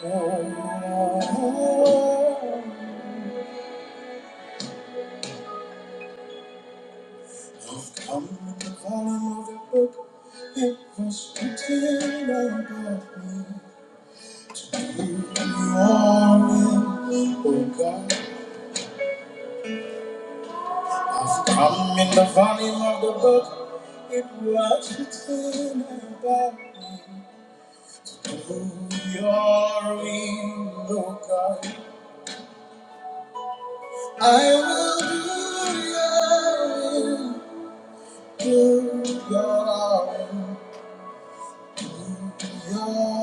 Come with the volume of the book, it was written about me. You are in, oh God. Come in the volume of the book, it was written about me. You are in, oh God. I will do your will, do your will. Your will,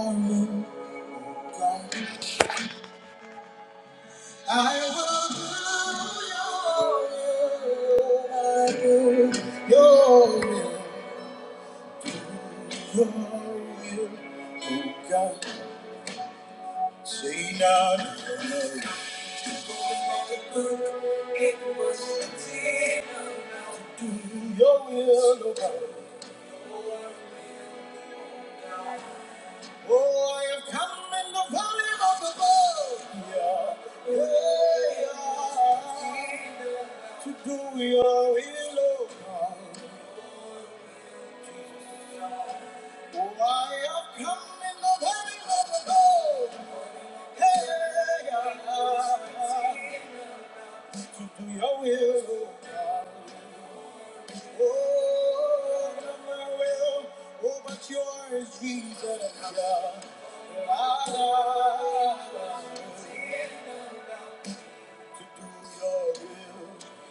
God. I will do your will. I will do your will. Your will, oh God. Say now, your will, oh God. Oh, I have come in the valley of the blood. Yeah, yeah, yeah. To do your will, oh God. Oh, I have come in the name of the Lord. Hey, ah, to do your will. Oh, not my will. Oh, but yours, Jesus. Yeah. Ah, ah, ah, to do your will.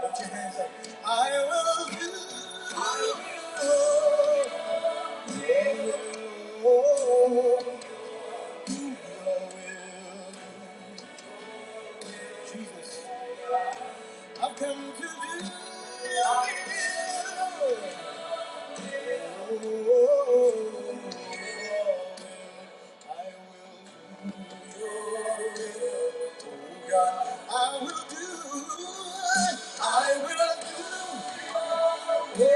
Put your hands up. I will do. I will. Oh, oh, oh. Jesus, I've come to do your will. Oh, I will do your will. Oh God, I will do. I will do. Oh,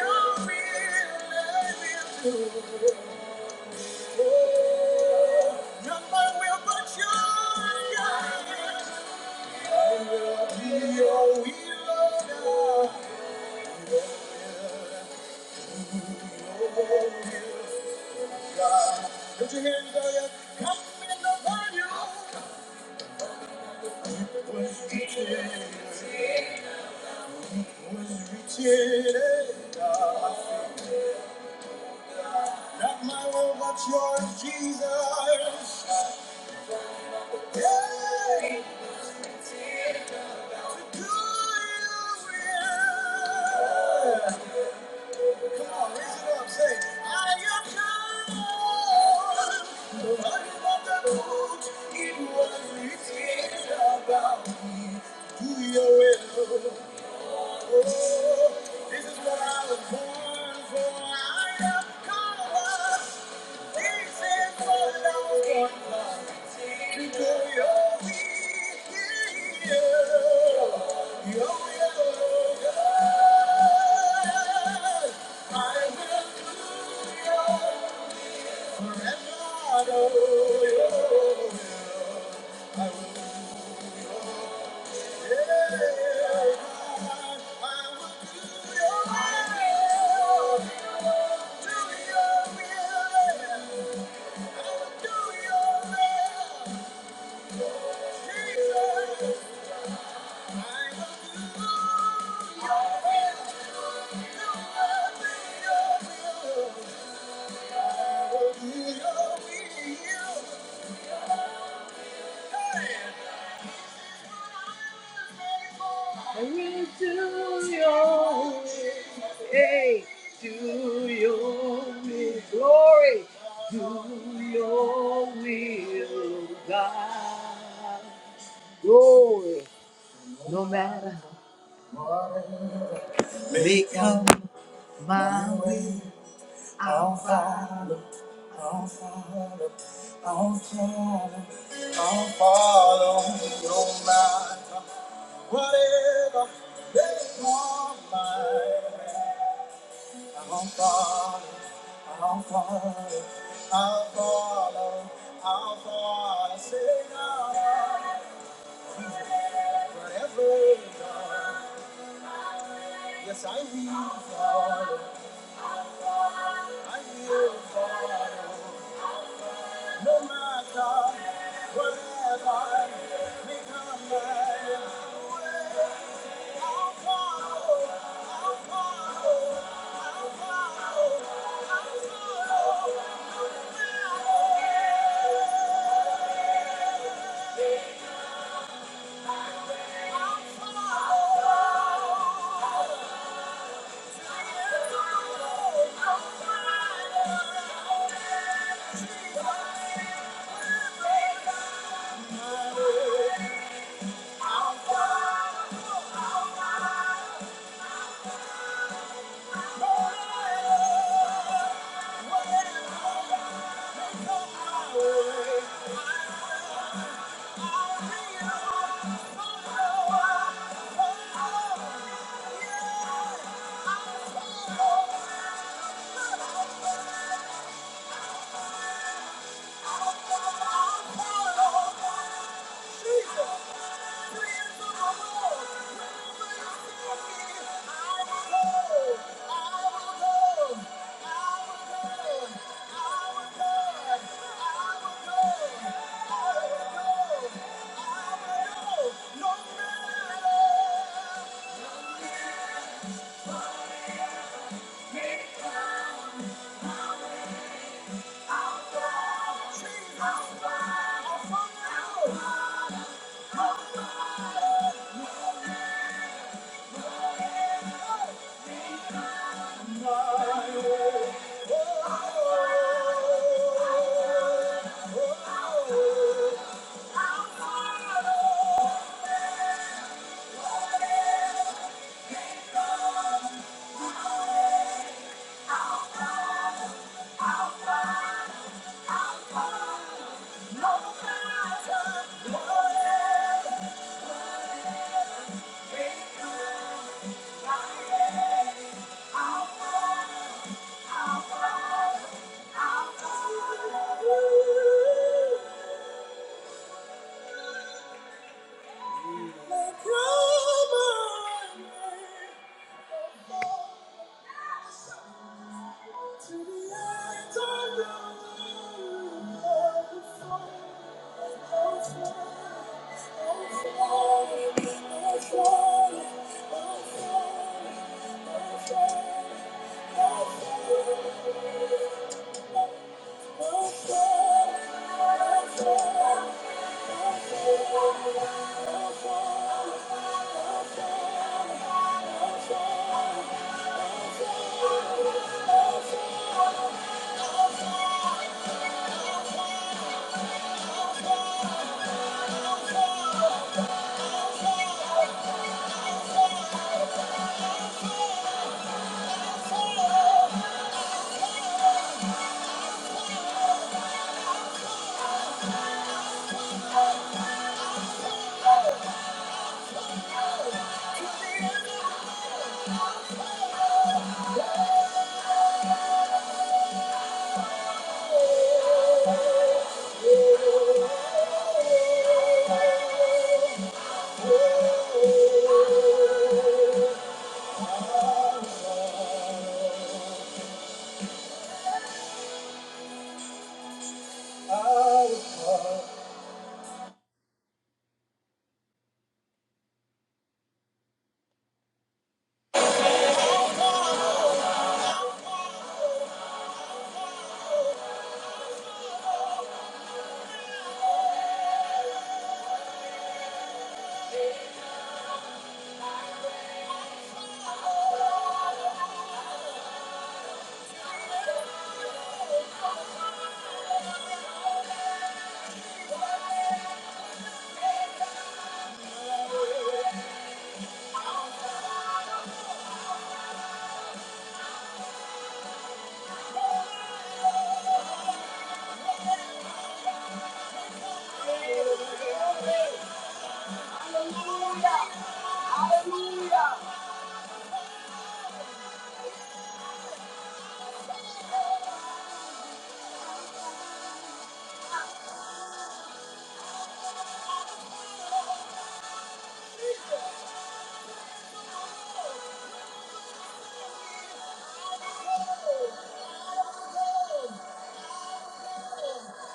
your will I will do. Not my will, but your God. I will be your will, God. Your will, God. Put your hands on your come in upon It Was reaching, it was reaching, Not my will, but yours, Jesus. Yeah. This is what I was born for. I am called. This is what I was born for. I will do Your will, Jesus. I will do your will. hey, do your will, glory, do your will, God, glory, no matter. Become my will. I'll follow, I'll follow, I'll follow, I'll follow, no matter whatever they want my way. I'll follow, I'll follow, I'll follow, I'll follow, say now, whatever, yes I will follow, I will follow. No matter whatever may come my way. I'll I'll I'll I'll follow, follow, follow, I'll follow, no matter, I will go. I will go. No matter. Oh Thank you. Oh, oh. Hallelujah.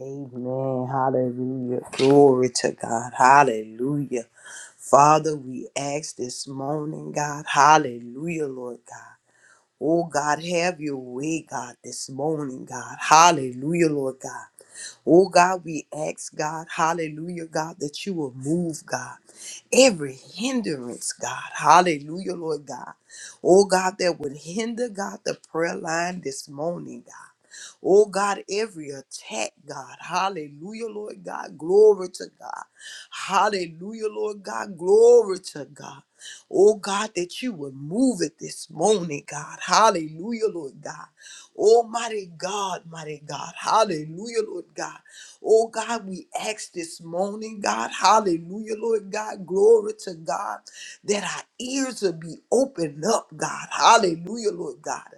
Amen. Hallelujah. Glory to God. Hallelujah. Father, we ask this morning, God. Hallelujah, Lord God. Oh, God, have your way, God, this morning, God. Hallelujah, Lord God. Oh God, we ask God, hallelujah, God, that you will move, God, every hindrance, God, hallelujah, Lord God. Oh God, that would hinder, God, the prayer line this morning, God. Oh God, every attack, God, hallelujah, Lord God, glory to God. Hallelujah, Lord God, glory to God. Oh God, that you would move it this morning, God. Hallelujah, Lord God. Oh, mighty God, mighty God. Hallelujah, Lord God. Oh, God, we ask this morning, God. Hallelujah, Lord God. Glory to God that our ears will be opened up, God. Hallelujah, Lord God.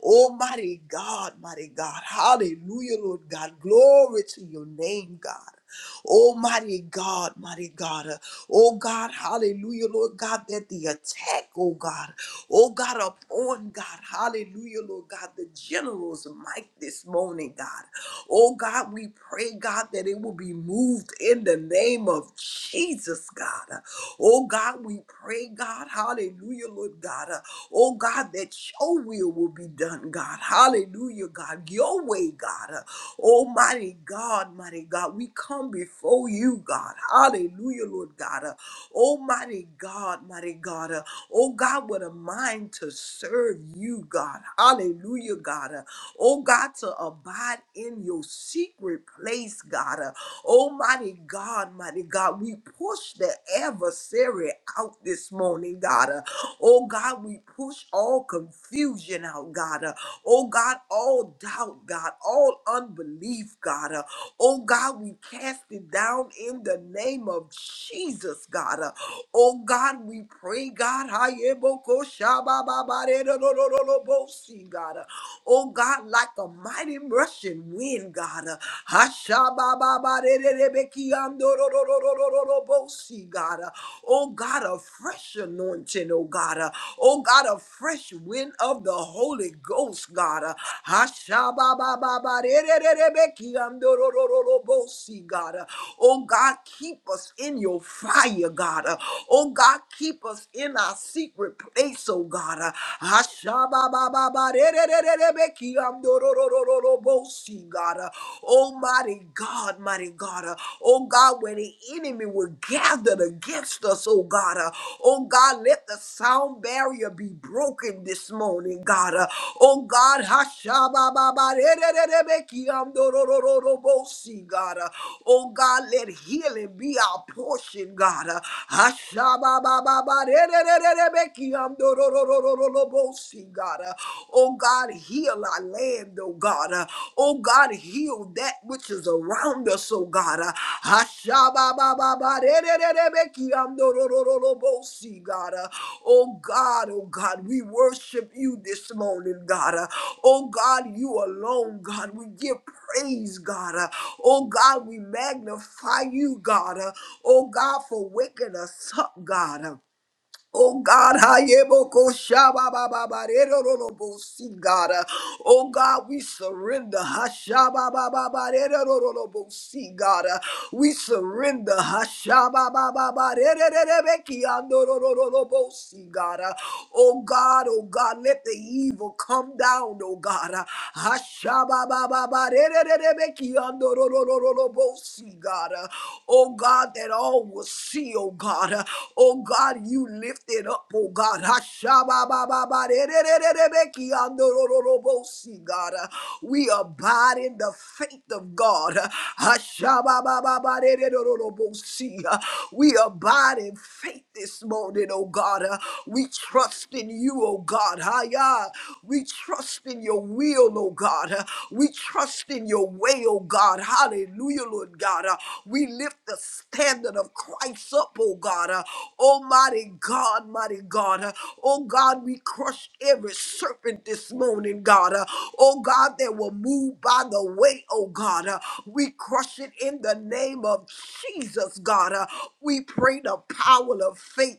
Almighty God, mighty God. Hallelujah, Lord God. Glory to your name, God. Almighty God, mighty God. Uh, Oh God, hallelujah, Lord God, that the attack, oh God, oh God, upon God, hallelujah, Lord God, the general's mic this morning, God. Oh God, we pray, God, that it will be moved in the name of Jesus, God. Uh, Oh God, we pray, God, hallelujah, Lord God. Uh, Oh God, that your will will be done, God. Hallelujah, God. Your way, God. Almighty God, mighty God, we come before you, God. Hallelujah, Lord God. Uh, Almighty God, mighty God. Uh, oh God, with a mind to serve you, God. Hallelujah, God. Uh, oh God, to abide in your secret place, God. Almighty God, mighty God, we push the adversary out this morning, God. Uh, Oh God, we push all confusion out, God. Uh, Oh God, all doubt, God, all unbelief, God. Uh, Oh God, we cast it down in the name of Jesus, God. Uh, Oh God, we pray, God. Hayebokoshabababaredodododobosee, God. Uh, Oh God, like a mighty Russian wind win, God. Uh, Hashabababarererebekiandorororororobosi, God. Uh, Oh God, a fresh anointing, oh God. Uh, Oh God, a fresh wind of the Holy Ghost, God. Uh, Hashabababarererebekiandororororobosi, God. Uh, Oh God, keep us in your fire, God. Uh, Oh God, keep us in our secret place, oh God. Uh, Hashababababarererebekiandororororobosi, God. Uh, Oh, mighty God, mighty God. Uh, Oh, God, where the enemy were gathered against us, oh, God. Uh, Oh, God, let the sound barrier be broken this morning, God. Uh, Oh, God, Hashabababarerererebekiamdorororobosi, God. Uh, Oh, God, let healing be our portion, God. Uh, Yororororobosi, God. Uh, Oh God, heal our land, oh God. Uh, Oh God, heal that which is around us, oh God. Uh, Ashababababarerererebekiamdorororobosi, God. Uh, Oh God, oh God, we worship you this morning, God. Uh, Oh God, you alone, God. We give praise, God. Uh, Oh God, we magnify you, God. Uh, Oh God, for waking us up, God. Oh God, Hayeboko Shababababarerorobo, see God. Uh, Oh God, we surrender. Hashababababarerorobo, see God. Uh, We surrender. Hashababababarererebekiandorororobo, see God. Uh, Oh God, oh God, let the evil come down, oh God. Uh, Hashababababarererebekiandorororobo, see, God. Uh, oh God, that all will see, oh God. Uh, oh God, you lift it up, oh God. Hashababababarerererebekiandorororobosi, God. Uh, we abide in the faith of God. Uh, hashababababarerererobosi, uh, we abide in faith this morning, oh God. Uh, we trust in you, oh God. Haya. We trust in in your will, oh God. Uh, We trust in your way, oh God. Hallelujah, Lord God. Uh, We lift the standard of Christ up, oh God. Uh, Almighty God, mighty God. Uh, Oh God, we crush every serpent this morning, God. Uh, Oh God, that will move by the way, oh God. Uh, We crush it in the name of Jesus, God. Uh, We pray the power of faith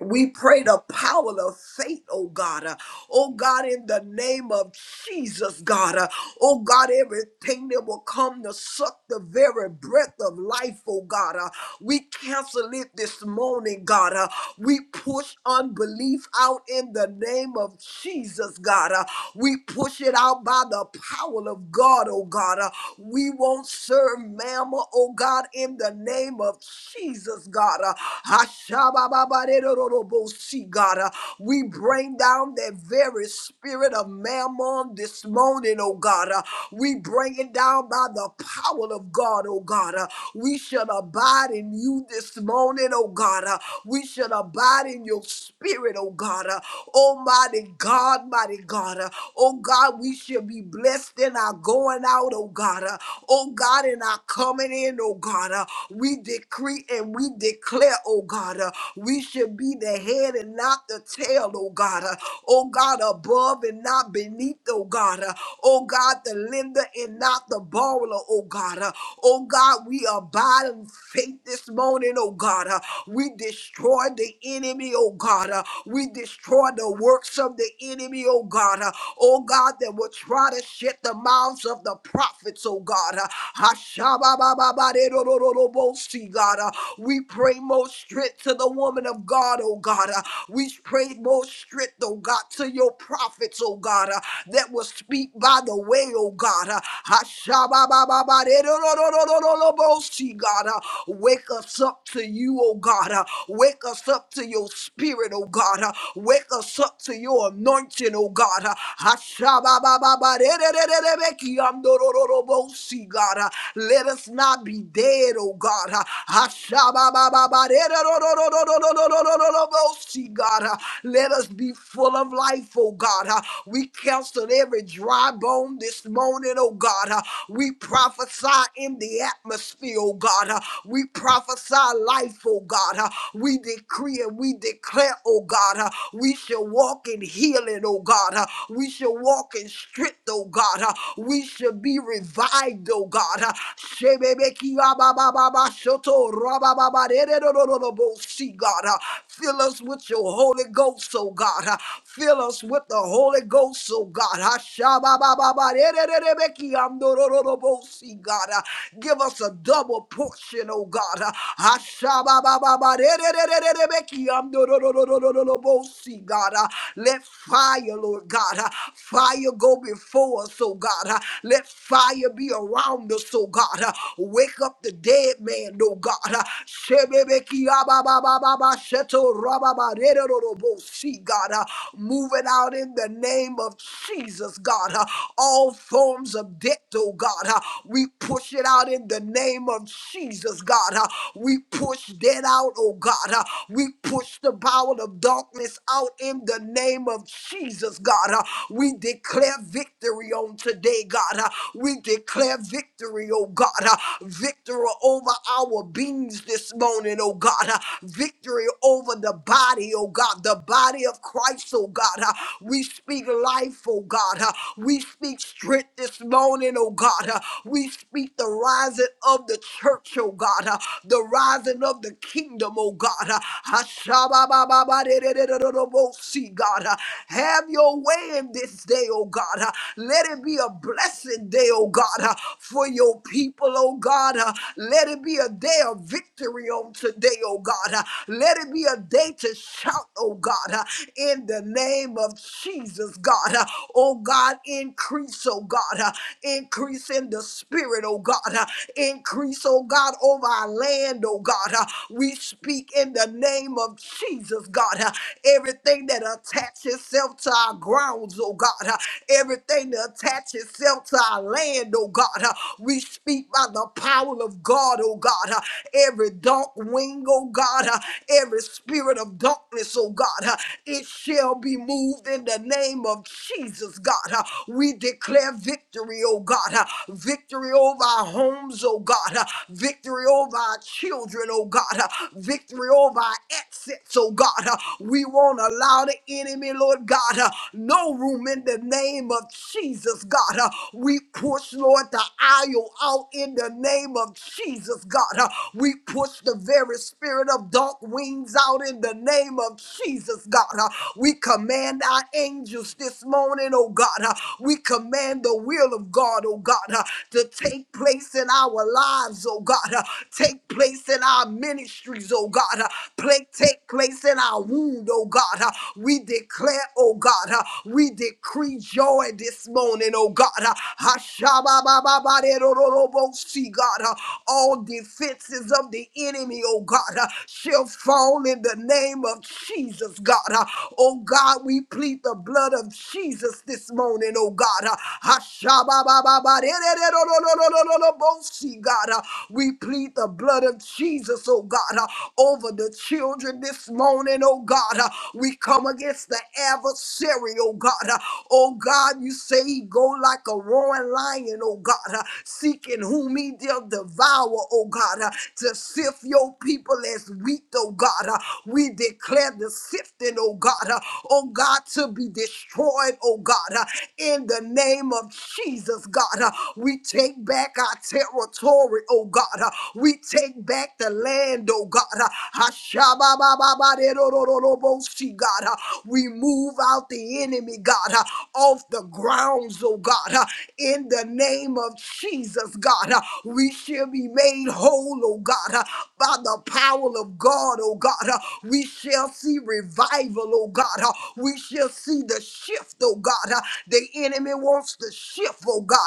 We pray the power of faith, oh God. Uh, oh God, in the name of Jesus, God. Uh, oh God, everything that will come to suck the very breath of life, oh God. Uh, we cancel it this morning, God. Uh, we push unbelief out in the name of Jesus, God. Uh, we push it out by the power of God, oh God. Uh, we won't serve mamma, oh God, in the name of Jesus, God. Uh, Ashabababarerorobosi, God. Uh, We bring down that very spirit of mammon this morning, oh God. Uh, We bring it down by the power of God, oh God. Uh, We shall abide in you this morning, oh God. Uh, We shall abide in your spirit, oh God. Uh, Almighty God, mighty God. Uh, Oh God, we shall be blessed in our going out, oh God. Uh, Oh God, in our coming in, oh God. Uh, We decree and we we declare, oh God, uh, we should be the head and not the tail, oh God. Uh, oh God, above and not beneath, oh God. Uh, oh God, the lender and not the borrower, oh God. Uh, oh God, we abide in faith this morning, oh God. Uh, we destroy the enemy, oh God. Uh, we destroy the works of the enemy, oh God. Uh, oh God, that will try to shut the mouths of the prophets, oh God. Uh, Boshi, God. Uh, we pray more strength to the woman of God, oh God. Uh, we pray more strength, oh God, to your prophets, oh God, uh, that will speak by the way, oh God. Uh, Hashababababaderorororororoboshi, God. Uh, wake us up to you, oh God. Uh, wake us up to your spirit, oh God. Uh, wake us up to your anointing, oh God. Uh, Hashababababaderororororobeki, amdorororoboshi, God. Uh, let us must not be dead, oh God. Uh, Ashababababaderororororororororororobosi, God, uh, let us be full of life, oh God. Uh, We counsel every dry bone this morning, oh God. Uh, We prophesy in the atmosphere, oh God. Uh, We prophesy life, oh God. Uh, We decree and we declare, oh God. Uh, We shall walk in healing, oh God. Uh, We shall walk in strength, oh God. Uh, We shall be revived, mind, oh God. Uh, Shebebekiabababashoto, rabababadererororobo, See, God, Uh, fill us with your Holy Ghost, oh God. Uh, Fill us with the Holy Ghost, oh God. Uh, See, God, Uh, give us a double portion, oh God. Uh, See, God, Uh, let fire, Lord God, uh, fire go before us, oh God. uh, let fire be around us, oh God! Wake up the dead, man, oh God! Shabebekia bababababababetorababababababobosie, God! Move it out in the name of Jesus, God! All forms of death, oh God! We push it out in the name of Jesus, God! We push dead out, oh God! We push the power of darkness out in the name of Jesus, God! We declare victory victory on today, God. Uh, We declare victory, oh God. Uh, Victory over our beings this morning, oh God. Uh, Victory over the body, oh God. The body of Christ, oh God. Uh, We speak life, oh God. Uh, We speak strength this morning, oh God. Uh, We speak the rising of the church, oh God. Uh, The rising of the kingdom, oh God. Uh, Hashababababadidididididobos, See, God. Uh, Have your way in this this day, oh God. Uh, Let it be a blessed day, oh God, uh, for your people, oh God. Uh, Let it be a day of victory on today, oh God. Uh, Let it be a day to shout, oh God, uh, in the name of Jesus, God. Uh, Oh God, increase, oh God. Uh, Increase in the spirit, oh God. Uh, Increase, oh God, over our land, oh God. Uh, We speak in the name of Jesus, God. Uh, Everything that attaches itself itself to our grounds, oh God. Uh, Everything that attaches itself to our land, oh God. Uh, We speak by the power of God, oh God. Uh, Every dark wing, oh God. Uh, Every spirit of darkness, oh God. Uh, It shall be moved in the name of Jesus, God. Uh, We declare victory, oh God. Uh, Victory over our homes, oh God. Uh, Victory over our children, oh God. Uh, Victory over our access so, God, uh, we won't allow the enemy, Lord God, uh, no room in the name of Jesus, God. uh, we push, Lord, the aisle out in the name of Jesus, God. uh, we push the very spirit of dark wings out in the name of Jesus, God. uh, we command our angels this morning, oh God. uh, we command the will of God, oh God, uh, to take place in our lives, oh God. uh, take place in our ministries, oh God. Uh, uh, play, take place in our womb, oh God. Uh, we declare, oh God, uh, we decree joy this morning, oh God. Uh, Hashababababaderororobosi, God, uh, all defenses of the enemy, oh God, uh, shall fall in the name of Jesus, God. Uh, oh God, we plead the blood of Jesus this morning, oh God. Uh, Hashababababaderororobosi, God, uh, we plead the blood of Jesus, oh God, uh, over the children this morning, oh God. Uh, we come against the adversary, oh God. Uh, oh God, you say he go like a roaring lion, oh God, uh, seeking whom he will devour, oh God, uh, to sift your people as wheat, oh God. Uh, we declare the sifting, oh God, uh, oh God, to be destroyed, oh God, uh, in the name of Jesus, God. Uh, we take back our territory, oh God. Uh, we take take back the land, oh God. Ashababababaderororobosi, God. We move out the enemy, God, off the grounds, oh God. In the name of Jesus, God, we shall be made whole, oh God, by the power of God, oh God. We shall see revival, oh God. We shall see the shift, oh God. The enemy wants to shift, oh God.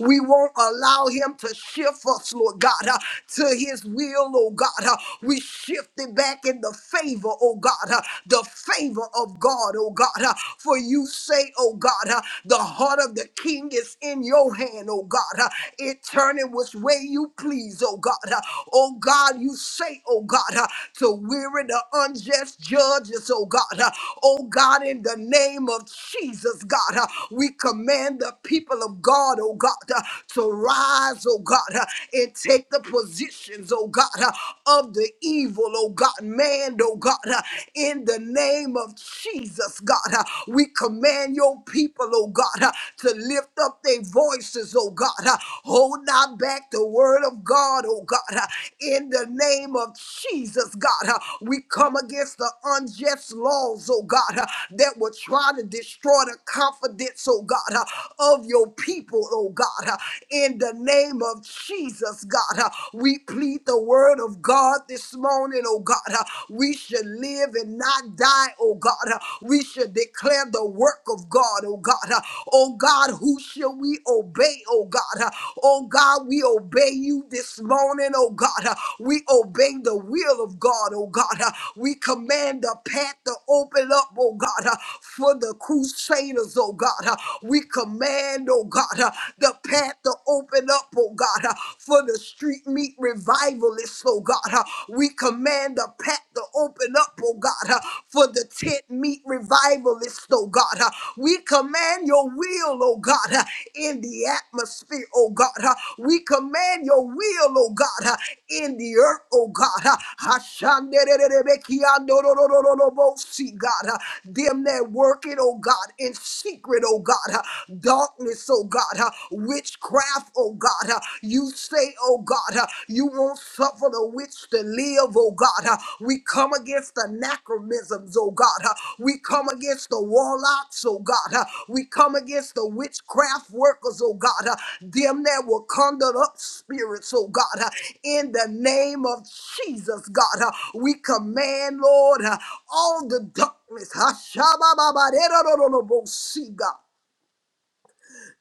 We won't allow him to shift us, Lord God. God, uh, to his will, oh God. uh, We shifted back in the favor, oh God, uh, the favor of God, oh God. uh, For you say, oh God, uh, the heart of the king is in your hand, oh God. uh, It turning which way you please, oh God. uh, Oh God, you say, oh God, uh, to weary the unjust judges, oh God. uh, Oh God, in the name of Jesus, God, uh, we command the people of God, oh God, uh, to rise, oh God. God, uh, and take the positions, oh God, uh, of the evil, oh God, man, oh God, uh, in the name of Jesus, God. uh, We command your people, oh God, uh, to lift up their voices, oh God. uh, Hold not back the word of God, oh God, uh, in the name of Jesus, God. uh, We come against the unjust laws, oh God, uh, that will try to destroy the confidence, oh God, uh, of your people, oh God, uh, in in the name of Jesus, God. Uh, We plead the word of God this morning, oh God. Uh, We should live and not die, oh God. Uh, We should declare the work of God, oh God. Uh, Oh God, who shall we obey, oh God? Uh, Oh God, we obey you this morning, oh God. Uh, We obey the will of God, oh God. Uh, We command the path to open up, oh God, uh, for the crusaders, oh God. Uh, We command, oh God. uh, the path to open up, oh God, uh, for the street meet revivalists, oh God. uh, We command the path to open up, oh God, uh, for the tent meet revivalists, oh God. uh, We command your will, oh God, uh, in the atmosphere, oh God. uh, We command your will, oh God, uh, in the earth, oh God. uh, Hashandererebekiandororororobosi, God, uh, them that work it, oh God, in secret, oh God. uh, darkness, oh God, uh, witchcraft, oh God. uh, You say, oh God, uh, you won't suffer the witch to live, oh God. uh, We come against the anachronisms, oh God. uh, We come against the warlocks, oh God. uh, We come against the witchcraft workers, oh God. uh, Them that will conjure up spirits, oh God. uh, In the name of Jesus, God, uh, we command, Lord, uh, all the darkness. Hashabababaderororobosi, God.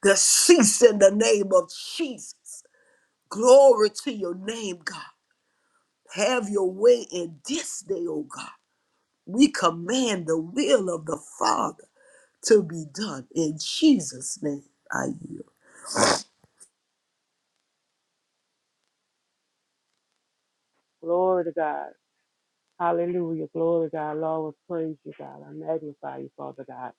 The cease in the name of Jesus. Glory to your name, God. Have your way in this day, oh God. We command the will of the Father to be done. In Jesus' name, I yield. Glory to God. Hallelujah. Glory to God. Lord, we praise you, God. I magnify you, Father God.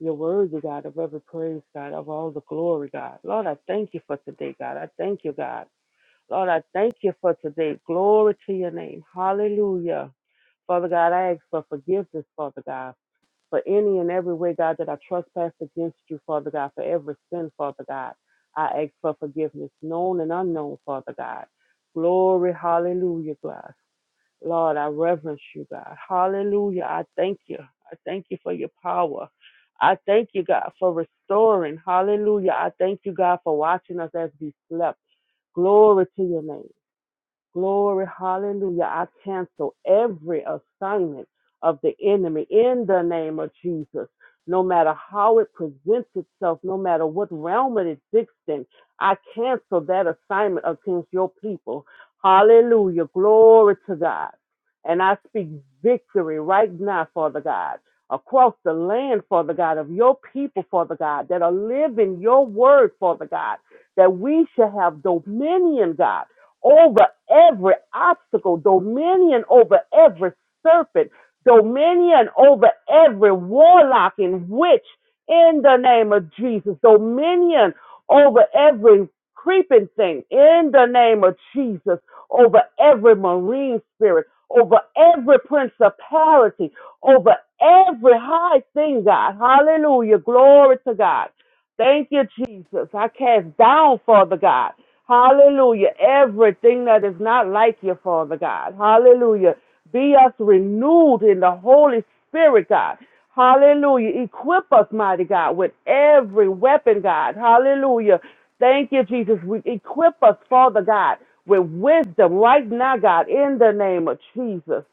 You're worthy, God, of every praise, God, of all the glory, God. Lord, I thank you for today, God. I thank you, God. Lord, I thank you for today. Glory to your name. Hallelujah. Father God, I ask for forgiveness, Father God, for any and every way, God, that I trespassed against you, Father God, for every sin, Father God. I ask for forgiveness, known and unknown, Father God. Glory, hallelujah, God. Lord, I reverence you, God. Hallelujah. I thank you. I thank you for your power. I thank you, God, for restoring. Hallelujah. I thank you, God, for watching us as we slept. Glory to your name. Glory, hallelujah. I cancel every assignment of the enemy in the name of Jesus. No matter how it presents itself, no matter what realm it exists in, I cancel that assignment against your people. Hallelujah. Glory to God. And I speak victory right now, Father God, across the land, Father God, of your people, Father God, that are living your word, Father God, that we shall have dominion, God over every obstacle, dominion over every serpent, dominion over every warlock and witch in the name of Jesus, dominion over every creeping thing in the name of Jesus, over every marine spirit, over every principality, over every high thing, God. Hallelujah. Glory to God. Thank you, Jesus. I cast down, Father God. Hallelujah. Everything that is not like you, Father God. Hallelujah. Be us renewed in the Holy Spirit, God. Hallelujah. Equip us, mighty God, with every weapon, God. Hallelujah. Thank you, Jesus. We equip us, Father God, with wisdom right now, God, in the name of Jesus.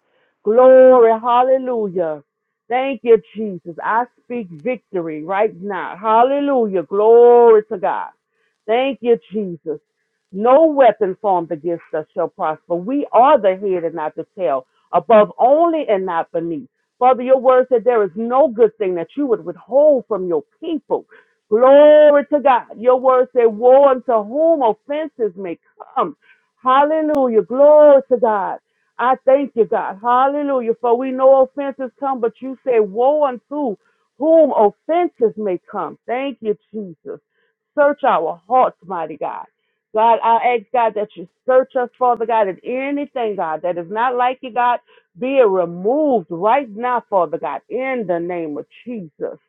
Glory. Hallelujah. Thank you, Jesus. I speak victory right now. Hallelujah. Glory to God. Thank you, Jesus. No weapon formed against us shall prosper. We are the head and not the tail, above only and not beneath. Father, your word said there is no good thing that you would withhold from your people. Glory to God. Your word said, Woe unto whom offenses may come. Hallelujah. Glory to God. I thank you, God. Hallelujah. For we know offenses come, but you say, Woe unto whom offenses may come. Thank you, Jesus. Search our hearts, mighty God. God, I ask God that you search us, Father God, and anything, God, that is not like you, God, be it removed right now, Father God, in the name of Jesus.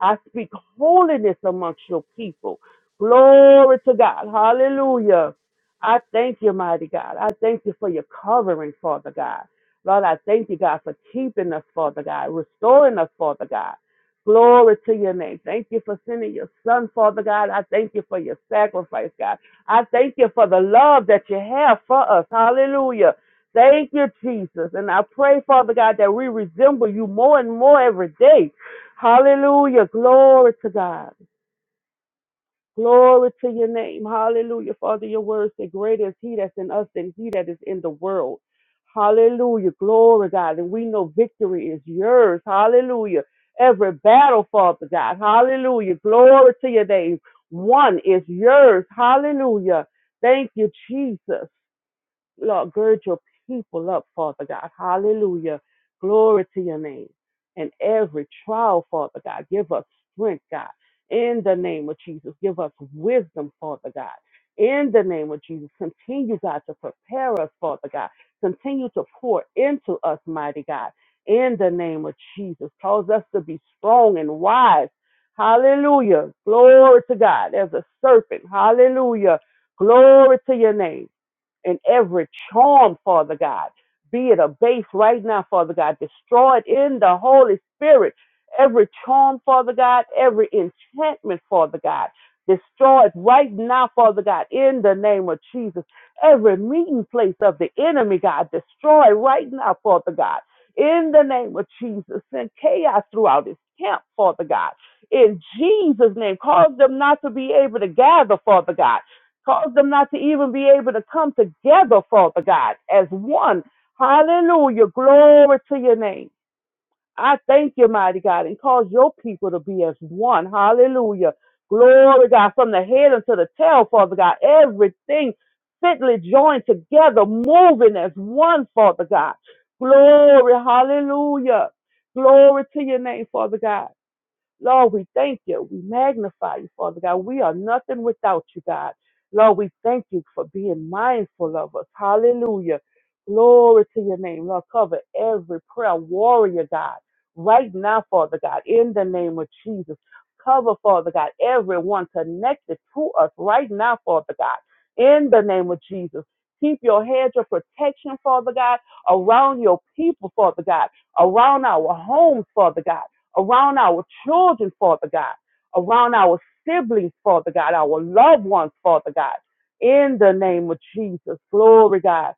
I speak holiness amongst your people. Glory to God. Hallelujah. I thank you, mighty God. I thank you for your covering, Father God. Lord, I thank you, God, for keeping us, Father God, restoring us, Father God. Glory to your name. Thank you for sending your son, Father God. I thank you for your sacrifice, God. I thank you for the love that you have for us. Hallelujah. Thank you, Jesus. And I pray, Father God, that we resemble you more and more every day. Hallelujah. Glory to God. Glory to your name. Hallelujah. Father, your word said, Greater is he that's in us than he that is in the world. Hallelujah. Glory, God. And we know victory is yours. Hallelujah. Every battle, Father God. Hallelujah. Glory to your name. One is yours. Hallelujah. Thank you, Jesus. Lord, gird your people up, Father God. Hallelujah. Glory to your name. And every trial, Father God, give us strength, God. In the name of Jesus, give us wisdom, Father God. In the name of Jesus, continue, God, to prepare us, Father God. Continue to pour into us, mighty God. In the name of Jesus, cause us to be strong and wise. Hallelujah. Glory to God. As a serpent. Hallelujah. Glory to your name and every charm, Father God. Be it abased right now, Father God. Destroy it in the Holy Spirit. Every charm, Father God, every enchantment, Father God. Destroy it right now, Father God, in the name of Jesus. Every meeting place of the enemy, God, destroy right now, Father God, in the name of Jesus. Send chaos throughout his camp, Father God. In Jesus' name, cause them not to be able to gather, Father God Cause them not to even be able to come together, Father God, as one. Hallelujah. Glory to your name. I thank you, mighty God, and cause your people to be as one. Hallelujah. Glory, God, from the head unto the tail, Father God. Everything fitly joined together, moving as one, Father God. Glory. Hallelujah. Glory to your name, Father God. Lord, we thank you. We magnify you, Father God. We are nothing without you, God. Lord, we thank you for being mindful of us. Hallelujah. Glory to your name. Lord, cover every prayer warrior, God, right now, Father God, in the name of Jesus. Cover, Father God, everyone connected to us right now, Father God, in the name of Jesus. Keep your hedge of protection, Father God, around your people, Father God, around our homes, Father God around our children, Father God, around our siblings, Father God, our loved ones, Father God. In the name of Jesus, glory, God.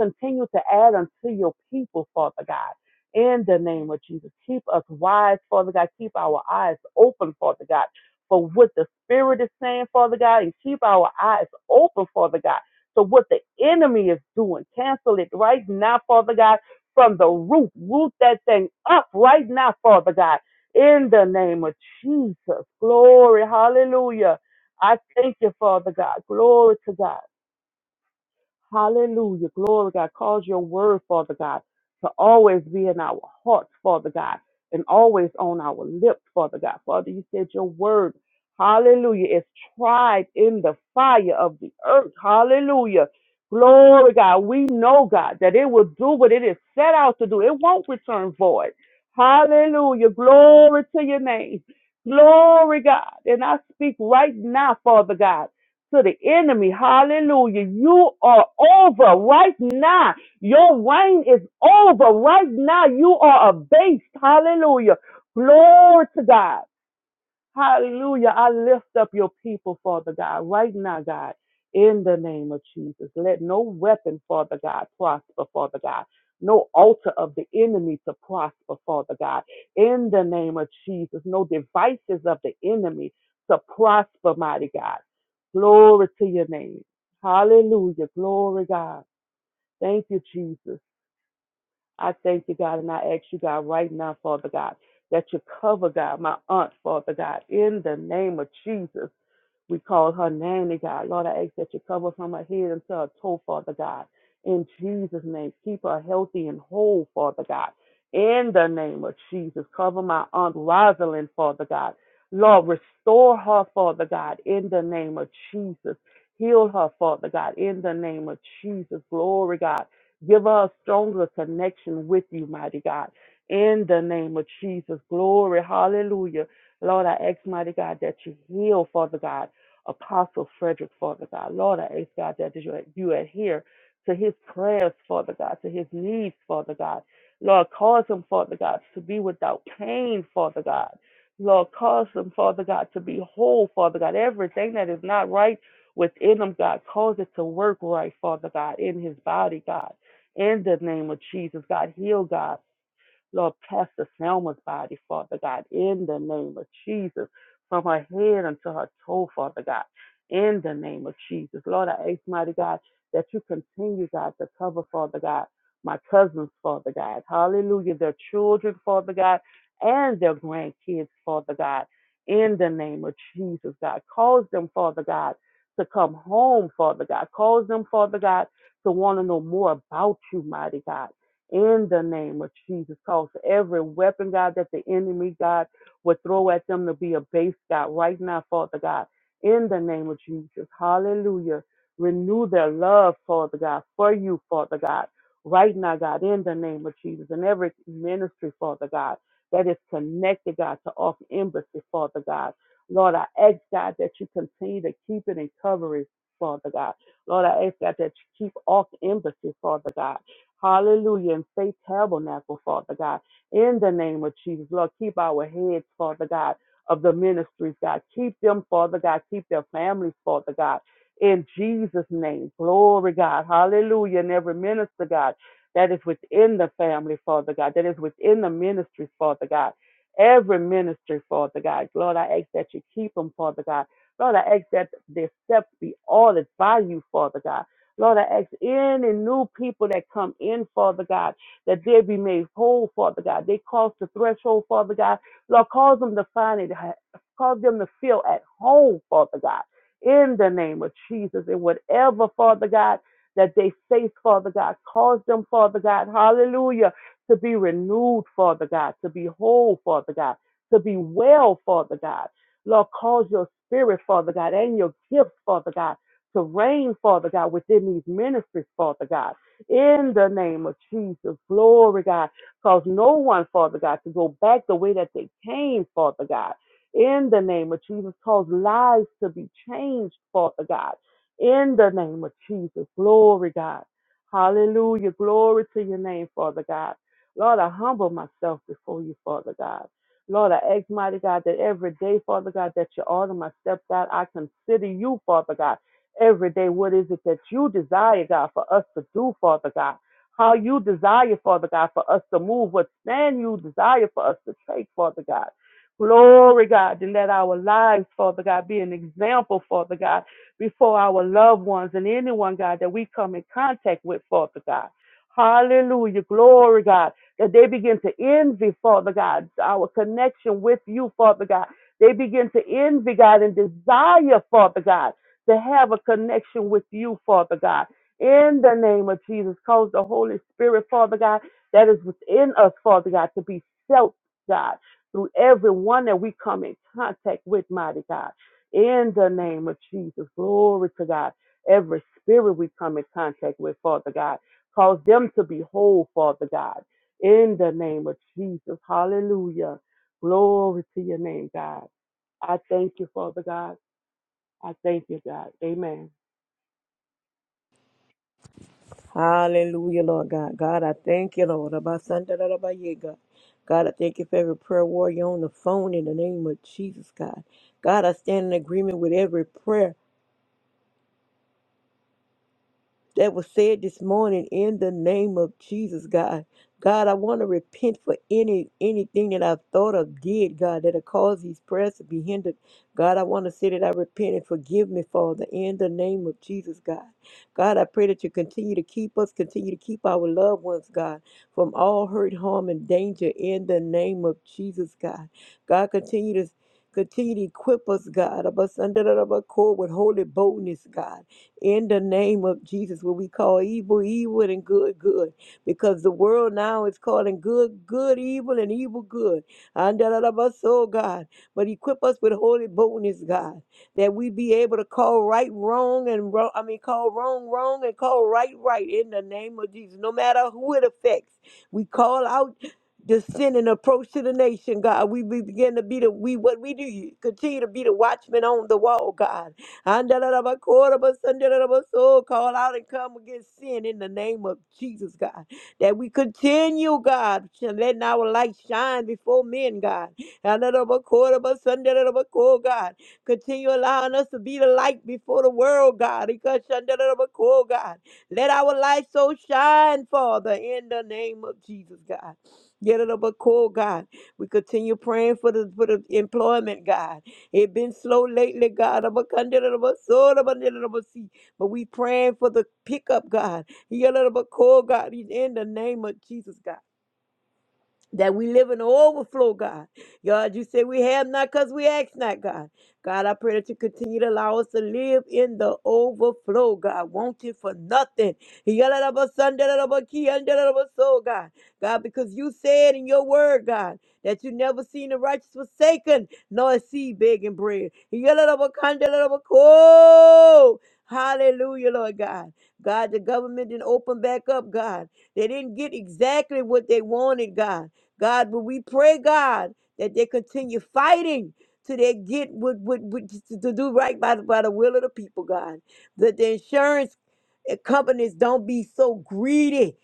Continue to add unto your people, Father God. In the name of Jesus, keep us wise, Father God. Keep our eyes open, Father God, for what the Spirit is saying, Father God, and keep our eyes open, Father God. So what the enemy is doing, cancel it right now, Father God from the root. Root that thing up right now, Father God, in the name of Jesus. Glory. Hallelujah. I thank you, Father God. Glory to God. Hallelujah. Glory, God. Cause your word, Father God, to always be in our hearts, Father God, and always on our lips, Father God. Father, you said your word, hallelujah, is tried in the fire of the earth. Hallelujah. Glory, God. We know, God, that it will do what it is set out to do. It won't return void. Hallelujah. Glory to your name. Glory, God. And I speak right now, Father God to the enemy. Hallelujah. You are over right now. Your reign is over right now. You are abased. Hallelujah. Glory to God. Hallelujah. I lift up your people, Father God, right now, God, in the name of Jesus. Let no weapon, Father God, prosper, Father God. No altar of the enemy to prosper, Father God, in the name of Jesus. No devices of the enemy to prosper, mighty God. Glory to your name. Hallelujah. Glory, God. Thank you, Jesus. I thank you, God, and I ask you, God, right now, Father God, that you cover, God, my aunt, Father God, in the name of Jesus. We call her name, dear God. Lord, I ask that you cover from her head until her toe, Father God. In Jesus' name, keep her healthy and whole, Father God. In the name of Jesus, cover my Aunt Rosalind, Father God. Lord, restore her, Father God, in the name of Jesus. Heal her, Father God, in the name of Jesus. Glory, God. Give her a stronger connection with you, mighty God. In the name of Jesus. Glory. Hallelujah. Lord, I ask, mighty God, that you heal, Father God. Apostle Frederick, Father God. Lord, I ask God that you, you adhere to his prayers, Father God, to his needs, Father God. Lord, cause him, Father God, to be without pain, Father God. Lord, cause him, Father God, to be whole, Father God. Everything that is not right within him, God, cause it to work right, Father God, in his body, God. In the name of Jesus, God, heal, God. Lord, Pastor Selma's body, Father God, in the name of Jesus, from her head unto her toe, Father God, in the name of Jesus. Lord, I ask, mighty God, that you continue, God, to cover, Father God, my cousins, Father God. Hallelujah. Their children, Father God, and their grandkids, Father God, in the name of Jesus, God. Cause them, Father God, to come home, Father God. Cause them, Father God, to want to know more about you, mighty God in the name of Jesus. Cause every weapon, God, that the enemy, God, would throw at them to be a base, God, right now, Father God, in the name of Jesus. Hallelujah. Renew their love, Father God, for you, Father God, right now, God, in the name of Jesus. And every ministry, Father God, that is connected, God, to off embassy, Father God. Lord, I ask, God, that you continue to keep it and cover it, Father God. Lord, I ask, God, that you keep off embassy, Father God. Hallelujah. And faith tabernacle, Father God. In the name of Jesus, Lord, keep our heads, Father God, of the ministries, God. Keep them, Father God. Keep their families, Father God. In Jesus' name. Glory, God. Hallelujah. And every minister, God, that is within the family, Father God, that is within the ministries, Father God. Every ministry, Father God. Lord, I ask that you keep them, Father God. Lord, I ask that their steps be ordered by you, Father God. Lord, I ask any new people that come in, Father God, that they be made whole, Father God. They cross the threshold, Father God. Lord, cause them to find it, cause them to feel at home, Father God, in the name of Jesus. And whatever, Father God, that they face, Father God, cause them, Father God, hallelujah, to be renewed, Father God, to be whole, Father God, to be well, Father God. Lord, cause your spirit, Father God, and your gifts, Father God to reign, Father God, within these ministries, Father God, in the name of Jesus. Glory, God. Cause no one, Father God, to go back the way that they came, Father God, in the name of Jesus. Cause lives to be changed, Father God, in the name of Jesus. Glory, God. Hallelujah. Glory to your name, Father God. Lord, I humble myself before you, Father God. Lord, I ask, mighty God, that every day, Father God, that you order my steps out, I consider you, Father God every day. What is it that you desire, God, for us to do, Father God? How you desire, Father God, for us to move, what stand you desire for us to take, Father God. Glory, God, and let our lives, Father God, be an example, Father God, before our loved ones and anyone, God, that we come in contact with, Father God. Hallelujah. Glory, God, that they begin to envy, Father God, our connection with you, Father God. They begin to envy, God, and desire, Father God to have a connection with you, Father God. In the name of Jesus, cause the Holy Spirit, Father God, that is within us, Father God, to be felt, God, through everyone that we come in contact with, mighty God. In the name of Jesus, glory to God. Every spirit we come in contact with, Father God, cause them to be whole, Father God. In the name of Jesus, hallelujah. Glory to your name, God. I thank you, Father God. I thank you, God. Amen. Hallelujah, Lord God. God, I thank you, Lord. Abba, Santa, da, da, ba, yeah, God, God, I thank you for every prayer warrior on the phone in the name of Jesus, God. God, I stand in agreement with every prayer. that was said this morning in the name of Jesus, God. God, I want to repent for any anything that I've thought of, did, God, that have caused these prayers to be hindered. God, I want to say that I repent and forgive me, Father, in the name of Jesus, God. God, I pray that you continue to keep us, continue to keep our loved ones, God, from all hurt, harm, and danger in the name of Jesus, God. God, continue to continue to equip us, God, of us under the with holy boldness, God. In the name of Jesus, what we call evil, evil, and good, good. Because the world now is calling good, good, evil, and evil, good. And da- da- da- bus, oh God. But equip us with holy boldness, God, that we be able to call right, wrong, and wrong. I mean, call wrong, wrong, and call right, right. In the name of Jesus. No matter who it affects, we call out the sin and approach to the nation, God. We, we begin to be the we what we do. Continue to be the watchman on the wall, God. Andalalabakorabasandalabaso. Call out and come against sin in the name of Jesus, God. That we continue, God, sh- letting our light shine before men, God. Andalabakorabasandalabako, God. Continue allowing us to be the light before the world, God. Ikashandalabako, God. Let our light so shine, Father, in the name of Jesus, God. Get it up, God. We continue praying for the for the employment, God. It been slow lately, God. I'm a conjure of a soul of a sea. But we praying for the pickup, God. He a little bit cold, God. He's in the name of Jesus, God that we live in the overflow, God. God, you say we have not because we ask not, God. God, I pray that you continue to allow us to live in the overflow, God. Wanting for nothing. so, God. God, because you said in your word, God, that you never seen the righteous forsaken, nor a seed begging bread. Yalalabakandalabako. Hallelujah, Lord God. God, the government didn't open back up, God. They didn't get exactly what they wanted, God. God, but we pray, God, that they continue fighting till they get what, what, what to do right by the, by the will of the people, God. That the insurance uh, companies don't be so greedy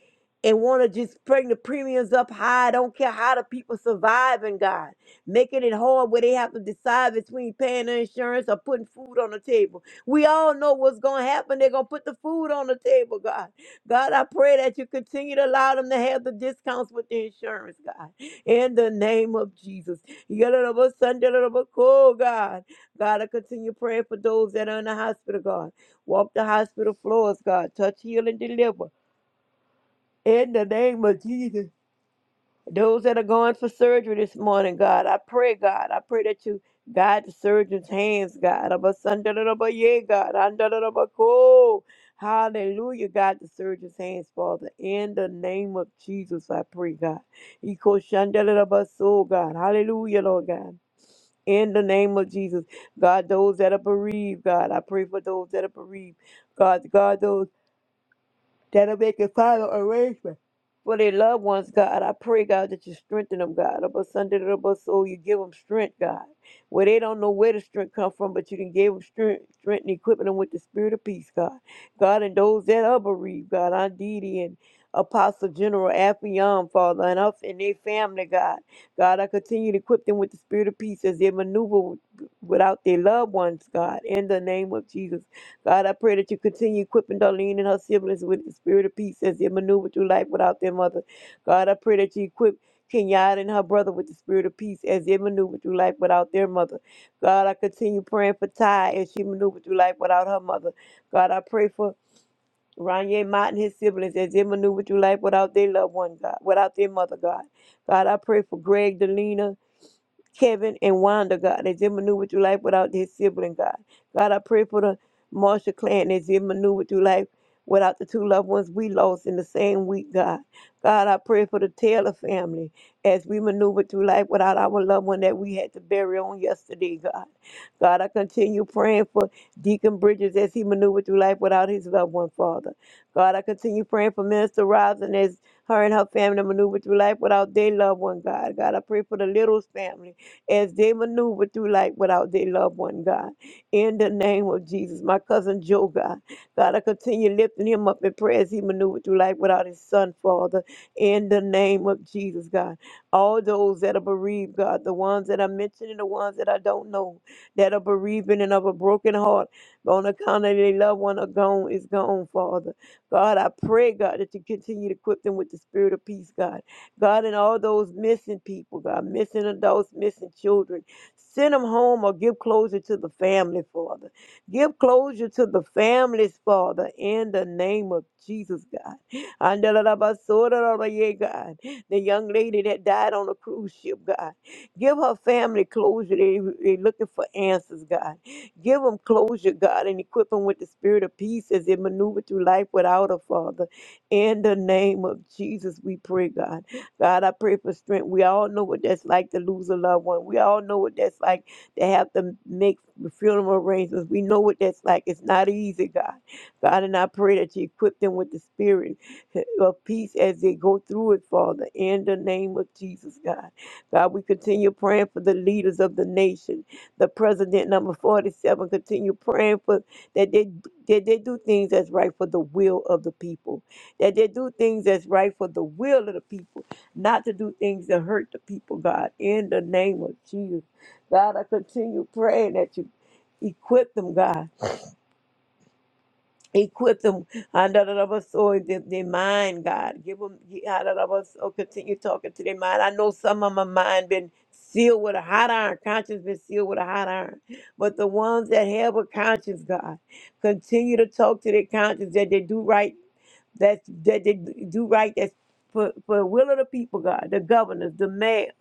and want to just bring the premiums up high. I don't care how the people surviving, God. Making it hard where they have to decide between paying the insurance or putting food on the table. We all know what's going to happen. They're going to put the food on the table, God. God, I pray that you continue to allow them to have the discounts with the insurance, God. In the name of Jesus. Yadadabasandaladabako, God. God, I continue praying for those that are in the hospital, God. Walk the hospital floors, God. Touch, heal, and deliver. In the name of Jesus. Those that are going for surgery this morning, God, I pray, God, I pray that you guide the surgeon's hands, God. Abasandarabaye, God. An, da, da, da, ba, cool. Hallelujah. God, the surgeon's hands, Father. In the name of Jesus, I pray, God. Ikoshandarabaso, God. Hallelujah, Lord God. In the name of Jesus, God, those that are bereaved, God, I pray for those that are bereaved. God, God, those that'll make a final arrangement. For their loved ones, God, I pray, God, that you strengthen them, God. Up a Sunday, up a soul, you give them strength, God. Where they don't know where the strength come from, but you can give them strength, strength and equipping them with the spirit of peace, God. God, and those that are bereaved, God, Aunt Didi and Apostle General Affion, Father, and us and their family, God. God, I continue to equip them with the spirit of peace as they maneuver without their loved ones, God, in the name of Jesus. God, I pray that you continue equipping Darlene and her siblings with the spirit of peace as they maneuver through life without their mother. God, I pray that you equip Kenyatta and her brother with the spirit of peace as they maneuver through life without their mother. God, I continue praying for Ty as she maneuvers through life without her mother. God, I pray for Ronye Mott and his siblings as they maneuver through life without their loved one, God, without their mother, God. God, I pray for Greg, Delina, Kevin and Wanda, God, as they maneuver through life without their sibling, God. God, I pray for the Marshall clan as they maneuver through life without the two loved ones we lost in the same week, God. God, I pray for the Taylor family as we maneuver through life without our loved one that we had to bury on yesterday, God. God, I continue praying for Deacon Bridges as he maneuvered through life without his loved one, Father. God, I continue praying for Minister Robinson as her and her family maneuver through life without their loved one, God. God, I pray for the Littles family as they maneuver through life without their loved one, God. In the name of Jesus, my cousin Joe, God. God, I continue lifting him up in prayer as he maneuvered through life without his son, Father. In the name of Jesus, God. All those that are bereaved, God, the ones that I mentioned and the ones that I don't know, that are bereaving and of a broken heart on account of their loved one are gone, is gone, Father. God, I pray, God, that you continue to equip them with the spirit of peace, God God, and all those missing people, God, missing adults, missing children. Send them home or give closure to the family, Father. Give closure to the families, Father, in the name of Jesus, God. Andalabasodarabaye, God. The young lady that died on a cruise ship, God. Give her family closure. They, they looking for answers, God. Give them closure, God, and equip them with the spirit of peace as they maneuver through life without a Father. In the name of Jesus, we pray, God. God, I pray for strength. We all know what that's like to lose a loved one. We all know what that's like to have to make funeral arrangements. We know what that's like. It's not easy, God. God, and I pray that you equip them with the spirit of peace as they go through it, Father, in the name of Jesus, God. God, we continue praying for the leaders of the nation. The president, number 47, continue praying for that they, that they do things that's right for the will of the people, that they do things that's right for the will of the people not to do things that hurt the people, God, in the name of Jesus. God, I continue praying that you equip them, God equip them Andarabaso, their, their mind god give them Andarabaso, continue talking to their mind i know some of my mind been sealed with a hot iron conscience been sealed with a hot iron but the ones that have a conscience god continue to talk to their conscience that they do right that that they do right that's for, for the will of the people god the governors the mayors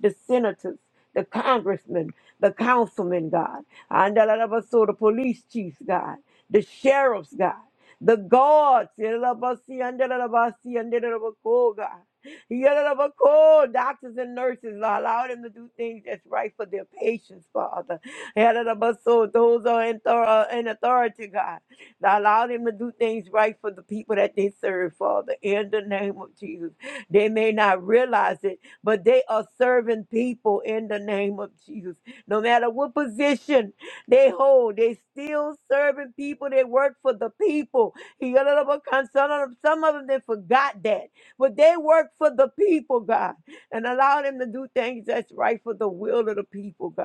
the senators the congressmen the councilmen god Andarabaso, the police chiefs god the sheriffs, God, the guards, yalabasi, andalabasi, andalabako, God. Yalabako, doctors and nurses, Lord, allow them to do things that's right for their patients, Father. Yalabaso, Those who are in, thor- uh, in authority, God. Allow them to do things right for the people that they serve, Father, in the name of Jesus. They may not realize it, but they are serving people in the name of Jesus. No matter what position they hold. They still serving people. They work for the people. He got a little con- Some of them, some of them, they forgot that. But they work for the people, God, and allow them to do things that's right for the will of the people, God.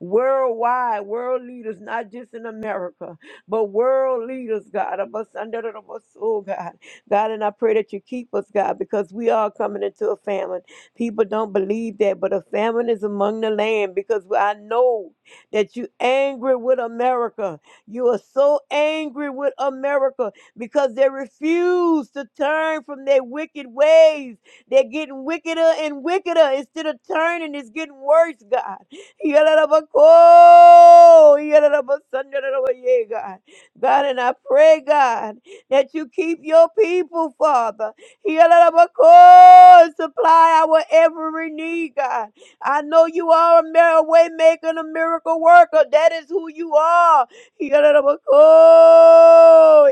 Worldwide, world leaders, not just in America, but world leaders, God, of us under the of us, oh God. God, and I pray that you keep us, God, because we are coming into a famine. People don't believe that, but a famine is among the land because I know that you angry with America. You are so angry with America because they refuse to turn from their wicked ways. They're getting wickeder and wickeder. Instead of turning, it's getting worse, God. Yalalabako, yalalabasandalalabaye, God, God, and I pray, God, that you keep your people, Father. Yalalabako, Supply our every need, God. I know you are a mir- way maker and a miracle worker. That is who you are. Yeah, Lord.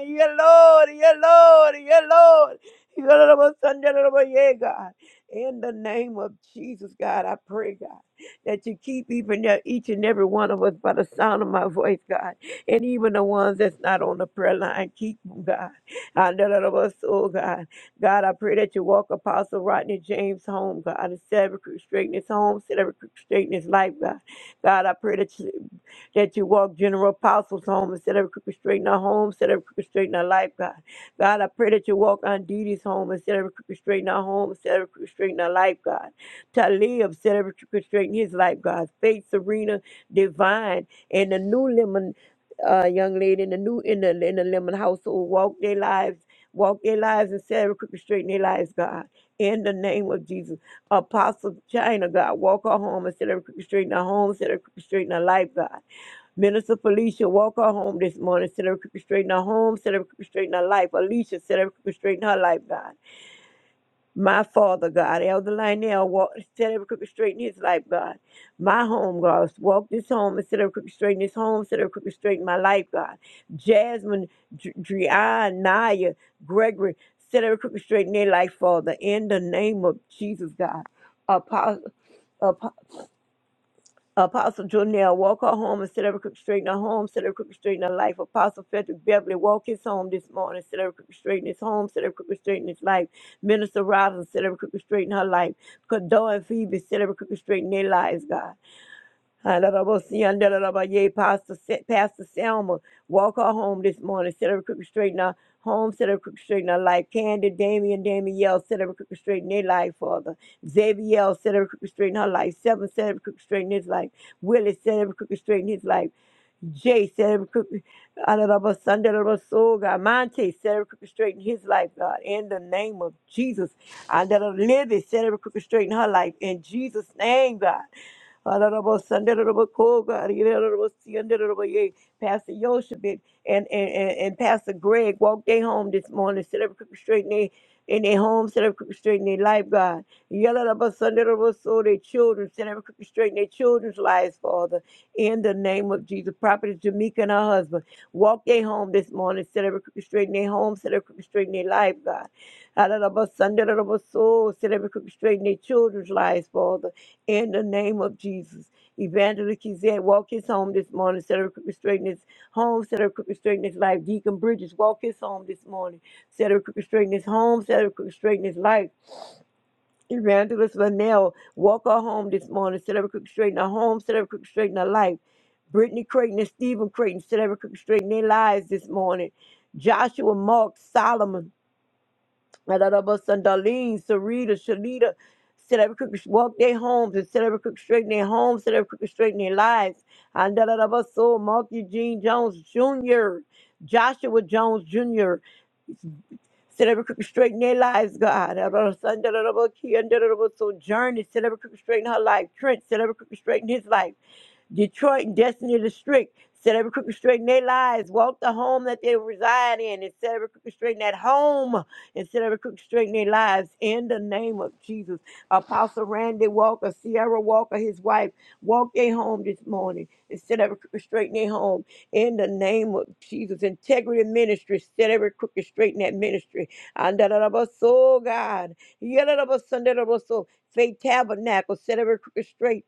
Yeah, Lord. Yeah, Lord. Yeah, Lord. Yeah, Lord. Yeah, God. In the name of Jesus, God, I pray, God, that you keep even there, each and every one of us by the sound of my voice, God, and even the ones that's not on the prayer line, keep them, God. I know that of us, oh God. God, I pray that you walk Apostle Rodney James home, God, and set every crooked straight in his home, set every crooked straight in his life, God. God, I pray that you, that you walk General Apostle's home and set every crooked straight in her home, set every crooked straight in her life, God. God, I pray that you walk on Didi's home and set every crooked straight in her home, set every crooked straight in her life, God. Talib set every crooked straight in his life, God. Faith, Serena, Divine, and the new lemon uh, young lady in the new in the in the lemon household walk their lives walk their lives and Sarah crooked straight in their lives, God. In the name of Jesus. Apostle China, God, walk her home and set her crooked straight in her home, set her crooked straight in her life, God. Minister Felicia, walk her home this morning, set her crooked straight in her home, set her crooked straight in her life. Alicia, set her crooked straight in her life, God. My father, God, Elder Lionel walked, set every crooked straight in his life, God. My home, God, walk this home and set every crooked straight in his home, set every crooked straight in my life, God. Jasmine, Dr- Drian, Naya, Gregory, set every crooked straight in their life, Father, in the name of Jesus, God. Apostle. Apostle Jonell, walk her home instead of crooked in her home, instead of crooked in her life. Apostle Frederick Beverly, walk his home this morning instead of crooked in his home, instead of crooked in his life. Minister Robinson, instead of crooked in her life. Kador and Phoebe, instead of crooked in their lives, God. Hallelujah. Hallelujah. Pastor, Pastor Selma, walk her home this morning. Set her crooked straight in her home. Set her crooked straight in her life. Candy, Damien, Damielle, set her crooked straight in their life, Father. Xavier, set her crooked straight in her life. Seven, set her crooked straight in his life. Willie, set her crooked straight in his life. Jay set every crooked out of our Sunday of our soul, God. Monte set every crooked straight in his life, God. In the name of Jesus, I under the living set every crooked straight in her life. In Jesus' name, God. Out of our son. Honorable Sunday, Honorable Koga, Honorable Sunday, Honorable Ye, Pastor Yoshevich, and, and, and, and Pastor Greg walked their home this morning, set up crooked straight in their, in their home, set up crooked straight in their life, God. Yellow Honorable Sunday, Honorable Soul, their children, set up crooked straight in their children's lives, Father in the name of Jesus. Prophet Jamaica and her husband walk their home this morning, set every crooked straight in their home, set every crooked straight in their life, God. Hallelujah, Sunday, hallelujah, soul, set every crooked straight in their children's lives, Father, in the name of Jesus. Evangelist Kizette, walk his home this morning, set every crooked straight in his home, set every crooked straight in his life. Deacon Bridges, walk his home this morning, set every crooked straight in his home, set every crooked straight in his life. Evangelist Linnell, Walker home this morning. Set every crooked straight in her home. Set every crooked straight in her life. Brittany Creighton and Stephen Creighton, set every crooked straight in their lives this morning. Joshua, Mark, Solomon, Adadabus, and Darlene, Sarita, Shalita, set every crooked, walk their homes and set every crooked straight in their homes. Set every crooked straight in their lives. And Adadabaso, Mark Eugene Jones Jr., Joshua Jones Jr., Set every crooked straight in their lives, God. Son, journey. Set every crooked straight in her life. Trent, set every crooked straight in his life. Detroit and Destiny District set every crooked straight in their lives. Walk the home that they reside in and set every crooked straight in that home and set every crooked straight in their lives. In the name of Jesus. Apostle Randy Walker, Sierra Walker, his wife, walk their home this morning and set every crooked straight in their home. In the name of Jesus. Integrity Ministry, set every crooked straight in that ministry. And da da da ba so God. Yada da ba sun da da ba so. Faith Tabernacle, set every crooked straight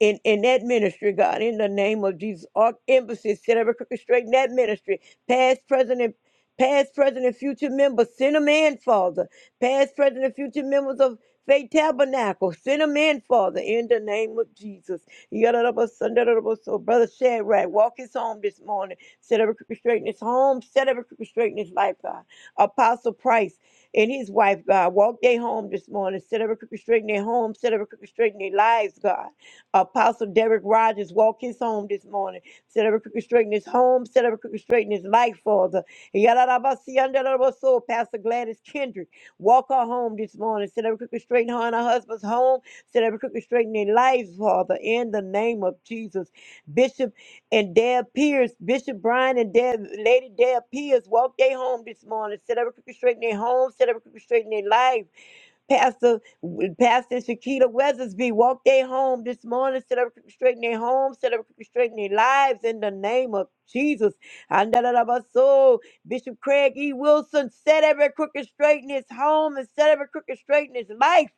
in, in that ministry, God, in the name of Jesus. Our embassy, set every crooked straight in that ministry. Past, present, and past, present, and future members, send them in, Father. Past, present, and future members of Faith Tabernacle, send them in, Father, in the name of Jesus. So, Brother Shadrach, walk his home this morning. Set every crooked straight in his home. Set every crooked straight in his life, God. Apostle Price and his wife, God, walk their home this morning. Set every crooked straight in their home. Set every crooked straight in their lives, God Apostle Derek Rogers walk his home this morning. Set every crooked straight in his home. Set every crooked straight in his life, Father. Yadadabasiyandadadabaso. Pastor Gladys Kendrick walk her home this morning. Set every crooked straight in her and her husband's home. Set every crooked straight in their lives, Father. In the name of Jesus, Bishop and Deb Pierce, Bishop Brian and Deb, Lady Deb Pierce walk their home this morning. Set every crooked straight in their home. Set every crooked straight in their life. Pastor Pastor Shakita Weathersby walk their home this morning, set up straighten their home, set up straighten their lives in the name of Jesus. And da- da- da- ba- so Bishop Craig E. Wilson set every crooked straight in his home and set every crooked straight in his life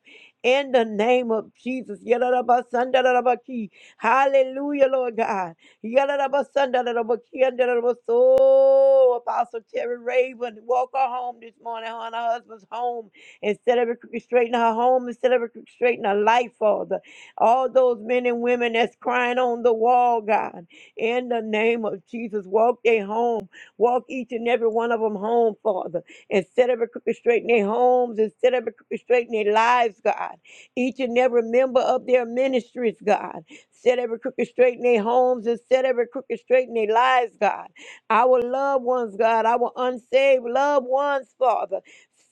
in the name of Jesus. Ya- da- da- ba- son, da- da- da- ba- key. Hallelujah, Lord God. Ya- da- da- ba- son, da- da- da- ba- key, and da- da- da- ba- So Apostle Terry Raven, walk her home this morning, her and her husband's home and set every crooked straight in her home and set every crooked straight in her life, Father. All those men and women that's crying on the wall, God, in the name of Jesus, walk they home. Walk each and every one of them home, Father, and set every crooked straight in their homes and set every crooked straight in their lives, God. Each and every member of their ministries, God. Set every crooked straight in their homes and set every crooked straight in their lives, God our loved ones, God, our unsaved loved ones, Father.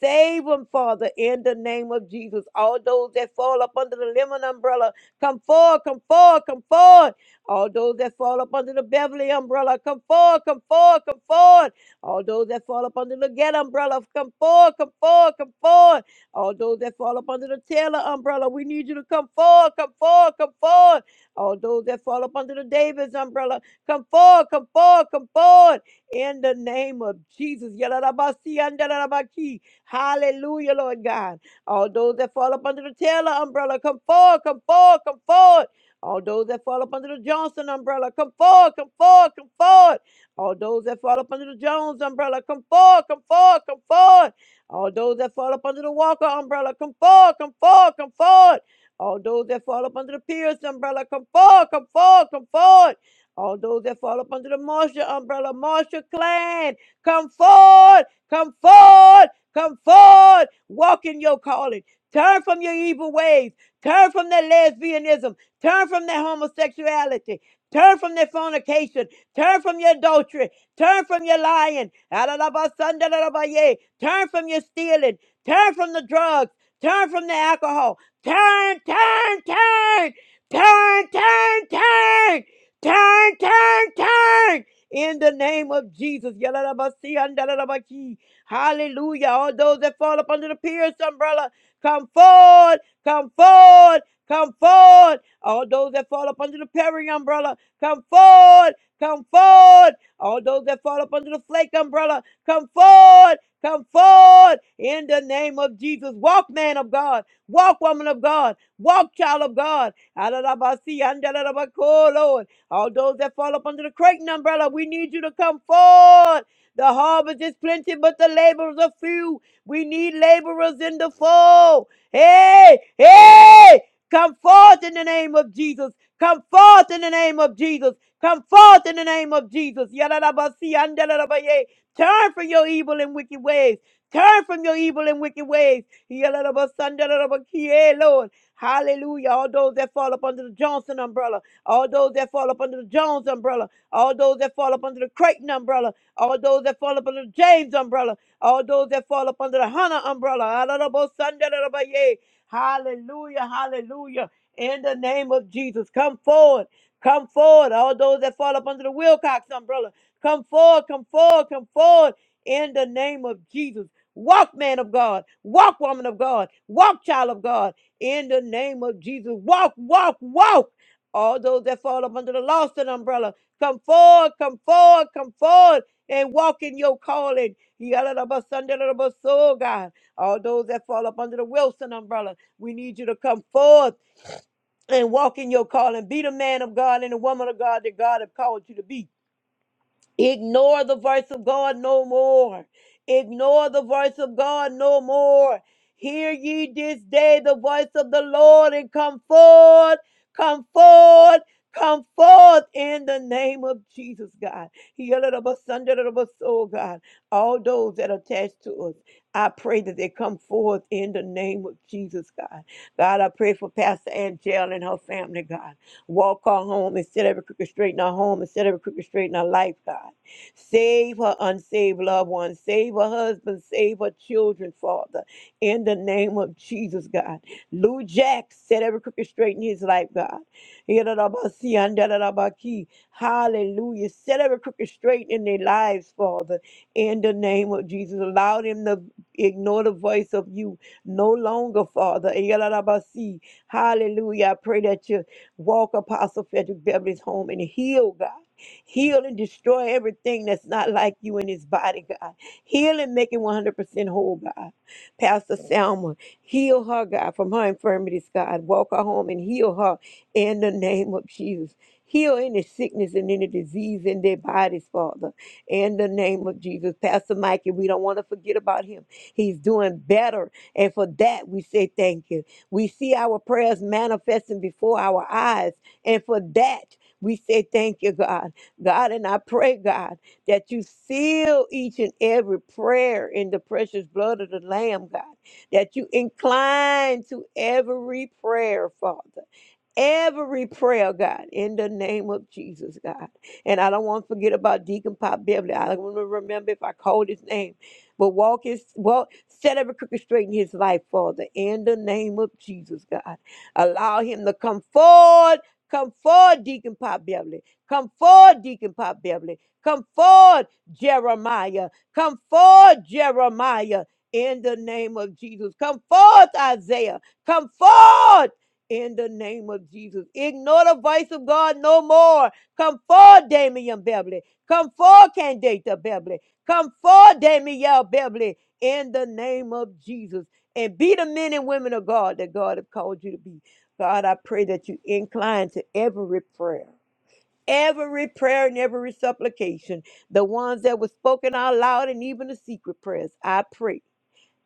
Save them, Father, in the name of Jesus. All those that fall up under the lemon umbrella, come forward, come forward, come forward. All those that fall up under the Beverly umbrella, come forward, come forward, come forward. All those that fall up under the Get umbrella, come forward, come forward, come forward. All those that fall up under the Taylor umbrella, we need you to come forward, come forward, come forward. All those that fall up under the Davis umbrella, come forward, come forward, come forward. In the name of Jesus. Yalalabasi, andalabaki. Hallelujah, Lord God. All those that fall up under the Taylor umbrella, come forward, come forward, come forward. All those that fall up under the Johnson umbrella, come forward, come forward, come forward. All those that fall up under the Jones umbrella, come forward, come forward, come forward. All those that fall up under the Walker umbrella, come forward, come forward, come forward. All those that fall up under the Pierce umbrella, come forward, come forward, come forward. All those that fall up under the Marshall umbrella, Marshall clan, come forward, come forward. Come forward, walk in your calling. Turn from your evil ways. Turn from that lesbianism. Turn from that homosexuality. Turn from that fornication. Turn from your adultery. Turn from your lying. Adalabasandalarabaya. Turn from your stealing. Turn from the drugs. Turn from the alcohol. Turn, turn, turn. Turn, turn, turn. Turn, turn, turn. In the name of Jesus. Yalalabasiandalarabaki. Hallelujah. All those that fall up under the Pierce umbrella, come forward, come forward, come forward. All those that fall up under the Perry umbrella, come forward, come forward. All those that fall up under the Flake umbrella, come forward, come forward. In the name of Jesus, walk, man of God, walk, woman of God, walk, child of God. Alalabasi, andalabako, Lord. All those that fall up under the Creighton umbrella, we need you to come forward. The harvest is plenty, but the laborers are few. We need laborers in the fold. Hey, hey, come forth in the name of Jesus. Come forth in the name of Jesus. Come forth in the name of Jesus. Yadarabasi, andalabaye. Turn from your evil and wicked ways. Turn from your evil and wicked ways. Yadarabasandalabakiye, Lord. Hallelujah. All those that fall up under the Johnson umbrella, all those that fall up under the Jones umbrella, all those that fall up under the Creighton umbrella, all those that fall up under the James umbrella, all those that fall up under the Hannah umbrella. Alarabosandarabaya. Hallelujah, hallelujah. In the name of Jesus, come forward, come forward. All those that fall up under the Wilcox umbrella, come forward, come forward, come forward. In the name of Jesus. Walk, man of God. Walk, woman of God. Walk, child of God. In the name of Jesus. Walk, walk, walk. All those that fall up under the Lawson umbrella, come forward, come forward, come forward and walk in your calling. Yalalabasandalabaso, God. All those that fall up under the Wilson umbrella, we need you to come forth and walk in your calling. Be the man of God and the woman of God that God have called you to be. Ignore the voice of God no more. Ignore the voice of God no more. Hear ye this day the voice of the Lord and come forth, come forth, come forth in the name of Jesus, God. Yalalabasandarabasol, God. All those that are attached to us, I pray that they come forth in the name of Jesus, God. God, I pray for Pastor Angel and her family, God. Walk her home and set every crooked straight in her home and set every crooked straight in her life, God. Save her unsaved loved ones. Save her husband. Save her children, Father. In the name of Jesus, God. Lou Jack, set every crooked straight in his life, God. Yadadabasi, Hallelujah. Set every crooked straight in their lives, Father. In the name of Jesus. Allow them to ignore the voice of you no longer, Father. Yadadabasi, Hallelujah. I pray that you Walk Apostle Frederick Beverly's home and heal, God. Heal and destroy everything that's not like you in his body, God. Heal and make it 100% whole, God. Pastor Selma, heal her, God, from her infirmities, God. Walk her home and heal her in the name of Jesus. Heal any sickness and any disease in their bodies, Father, in the name of Jesus. Pastor Mikey, we don't want to forget about him. He's doing better. And for that, we say thank you. We see our prayers manifesting before our eyes. And for that, we say thank you, God. God, and I pray, God, that you seal each and every prayer in the precious blood of the Lamb, God, that you incline to every prayer, Father. Every prayer, God, in the name of Jesus, God. And I don't want to forget about Deacon Pop Beverly. I don't want to remember if I called his name. But walk his walk, set every crooked straight in his life, Father, in the name of Jesus, God. Allow him to come forward. Come forward, Deacon Pop Beverly. Come forward, Deacon Pop Beverly. Come forward, Jeremiah. Come forward, Jeremiah. In the name of Jesus. Come forth, Isaiah. Come forth in the name of Jesus. Ignore the voice of God no more. Come forth, Damian Beverly. Come forth, Candata Beverly. Come forward, Damiel Beverly, in the name of Jesus, and be the men and women of God that God has called you to be. God, I pray that you incline to every prayer, every prayer and every supplication, the ones that were spoken out loud and even the secret prayers. I pray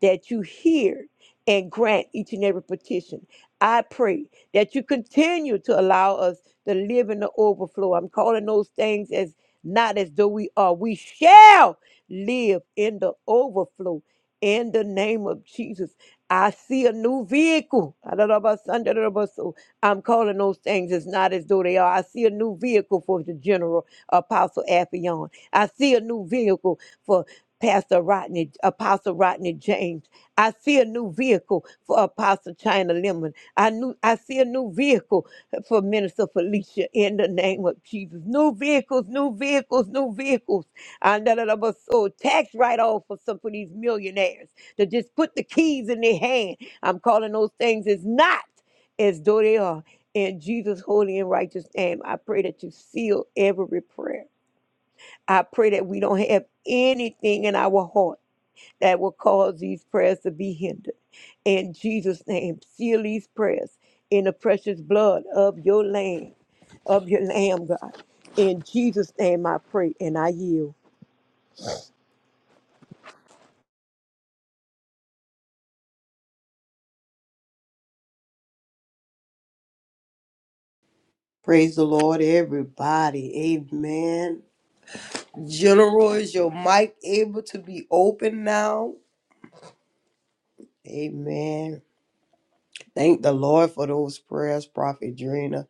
that you hear and grant each and every petition. I pray that you continue to allow us to live in the overflow. I'm calling those things as not as though we are. We shall live in the overflow in the name of Jesus. I see a new vehicle. I don't know about Sunday, I don't know about so. I'm calling those things as not as though they are. I see a new vehicle for the general apostle Afion. I see a new vehicle for. Pastor Rodney, Apostle Rodney James. I see a new vehicle for Apostle China Lemon. I knew I see a new vehicle for Minister Felicia in the name of Jesus. New vehicles, new vehicles, new vehicles. And that of us so tax write off for some of these millionaires to just put the keys in their hand. I'm calling those things as not as though they are. In Jesus' holy and righteous name, I pray that you seal every prayer. I pray that we don't have anything in our heart that will cause these prayers to be hindered. In Jesus' name, seal these prayers in the precious blood of your lamb, of your lamb, God. In Jesus' name I pray and I yield. Praise the Lord, everybody. Amen. General, is your mic able to be open now? Amen. Thank the Lord for those prayers, Prophet Drina.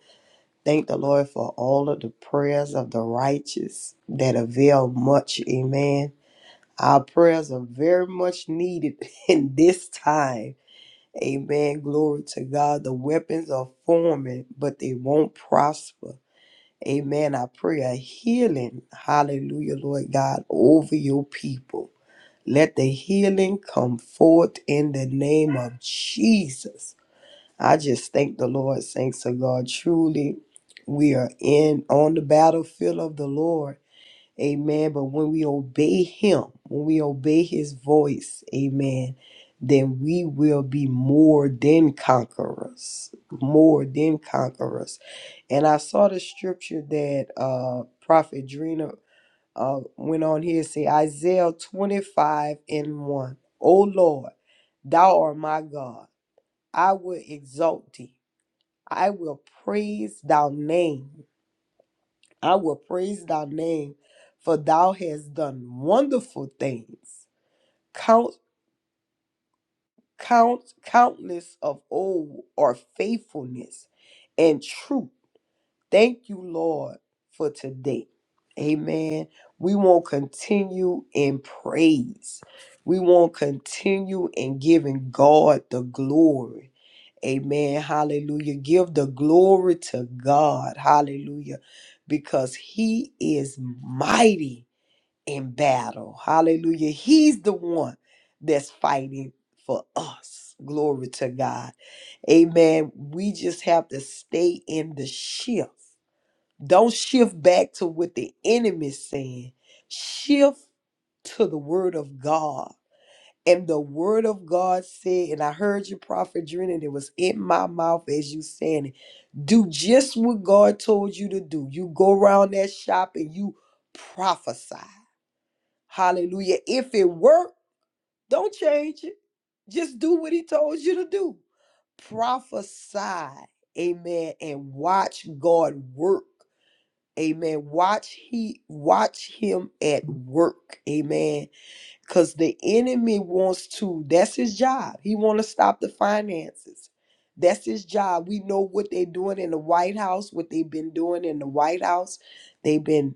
Thank the Lord for all of the prayers of the righteous that avail much. Amen. Our prayers are very much needed in this time. Amen. Glory to God. The weapons are forming, but they won't prosper. Amen. I pray a healing. Hallelujah, Lord God, over your people. Let the healing come forth in the name of Jesus. I just thank the Lord. Thanks to God. Truly, we are in on the battlefield of the Lord. Amen. But when we obey Him, when we obey His voice, Amen, then we will be more than conquerors. More than conquerors. And I saw the scripture that uh Prophet Drina uh went on here and say Isaiah 25 and 1. O Lord, thou art my God. I will exalt thee I will praise thy name. I will praise thy name, for thou hast done wonderful things. Count, count, countless of old are faithfulness and truth. Thank you, Lord, for today. Amen. We won't continue in praise. We won't continue in giving God the glory. Amen. Hallelujah. Give the glory to God. Hallelujah. Because he is mighty in battle. Hallelujah. He's the one that's fighting for us. Glory to God. Amen. We just have to stay in the shift. Don't shift back to what the enemy's saying. Shift to the word of God and the word of God said, and I heard you, Prophet Dren, and it was in my mouth as you saying it. Do just what God told you to do. You go around that shop and you prophesy. Hallelujah. If it worked, don't change it. Just do what he told you to do. Prophesy. Amen. And watch God work. Amen. Watch he watch him at work. Amen because the enemy wants to that's his job he want to stop the finances that's his job we know what they're doing in the white house what they've been doing in the white house they've been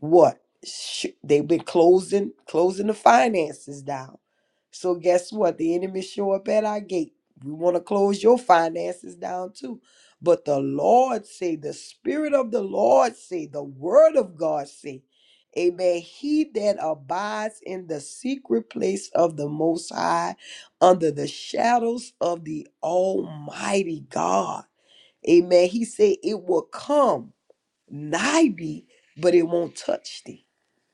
what Sh- they've been closing closing the finances down so guess what the enemy show up at our gate we want to close your finances down too but the lord say the spirit of the lord say the word of god say amen he that abides in the secret place of the most high under the shadows of the almighty god amen he say it will come nigh thee, but it won't touch thee.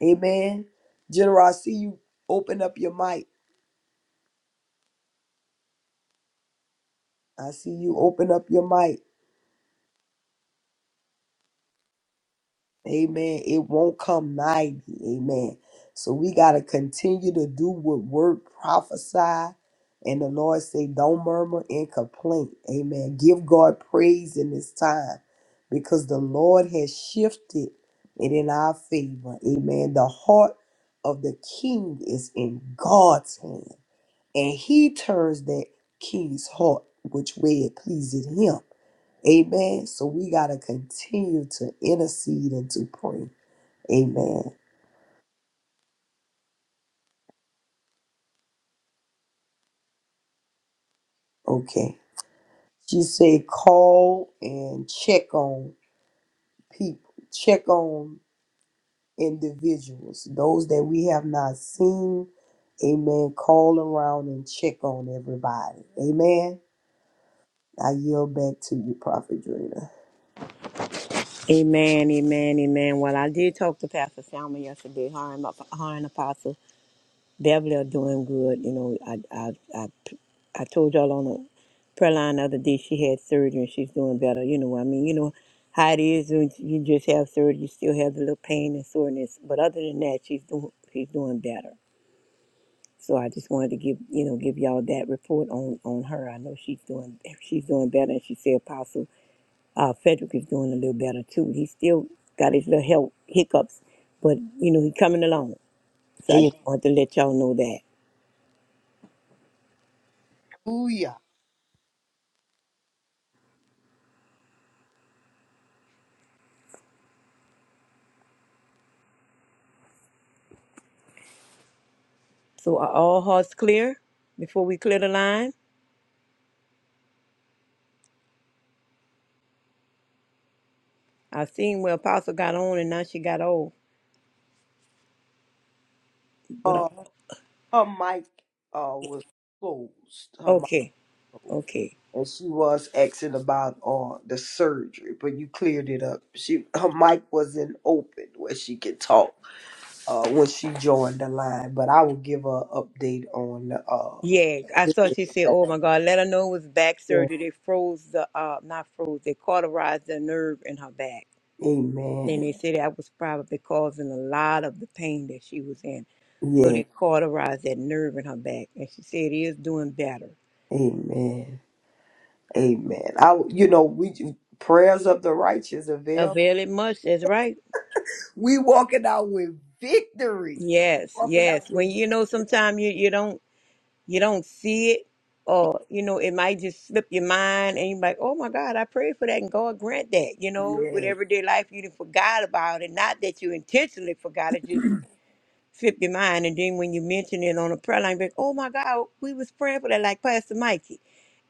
Amen. General, I see you open up your mic. I see you open up your mic. Amen. It won't come nigh thee. Amen. So we got to continue to do what word prophesy. And the Lord say, don't murmur and complain. Amen. Give God praise in this time because the Lord has shifted it in our favor. Amen. The heart of the king is in God's hand. and he turns that king's heart which way it pleases him. Amen. So we gotta continue to intercede and to pray. Amen. Okay. She said call and check on people, check on individuals, those that we have not seen. Amen. Call around and check on everybody. Amen. I yield back to you, Prophet Drina. Amen, amen, amen. Well, I did talk to Pastor Selma yesterday, her and, my, her and Apostle Beverly are doing good. You know, I I I I told y'all on a prayer line the other day she had surgery and she's doing better. You know, I mean, you know how it is when you just have surgery, you still have the little pain and soreness. But other than that, she's doing she's doing better. So I just wanted to give you know give y'all that report on on her. I know she's doing she's doing better, and she said Apostle uh, Frederick is doing a little better too. He still got his little health hiccups, but you know he's coming along. So I just wanted to let y'all know that. Hallelujah. So are all hearts clear before we clear the line? I seen where Apostle got on and now she got old. But uh, her mic uh, was closed, her mic okay, closed, okay. and she was asking about uh, the surgery, but you cleared it up. She her mic wasn't open where she could talk uh, when she joined the line, but I will give her an update on the. Uh, Yeah, I thought she said, "Oh my God, let her know it was back yeah, surgery. They froze the uh, not froze. They cauterized the nerve in her back. Then amen. they said that was probably causing a lot of the pain that she was in. So Yeah, they cauterized that nerve in her back, and she said it is doing better. amen. Amen. I, you know, we prayers of the righteous avail. Avail it much. That's right. We walking out with victory. Yes, Walking yes. out with When you know, sometimes you you don't. you don't see it or you know it might just slip your mind and you're like oh my god i prayed for that and god grant that you know with victory. everyday life you done forgot about it not that you intentionally forgot it just slip your mind and then when you mention it on a prayer line be like oh my god we was praying for that like pastor mikey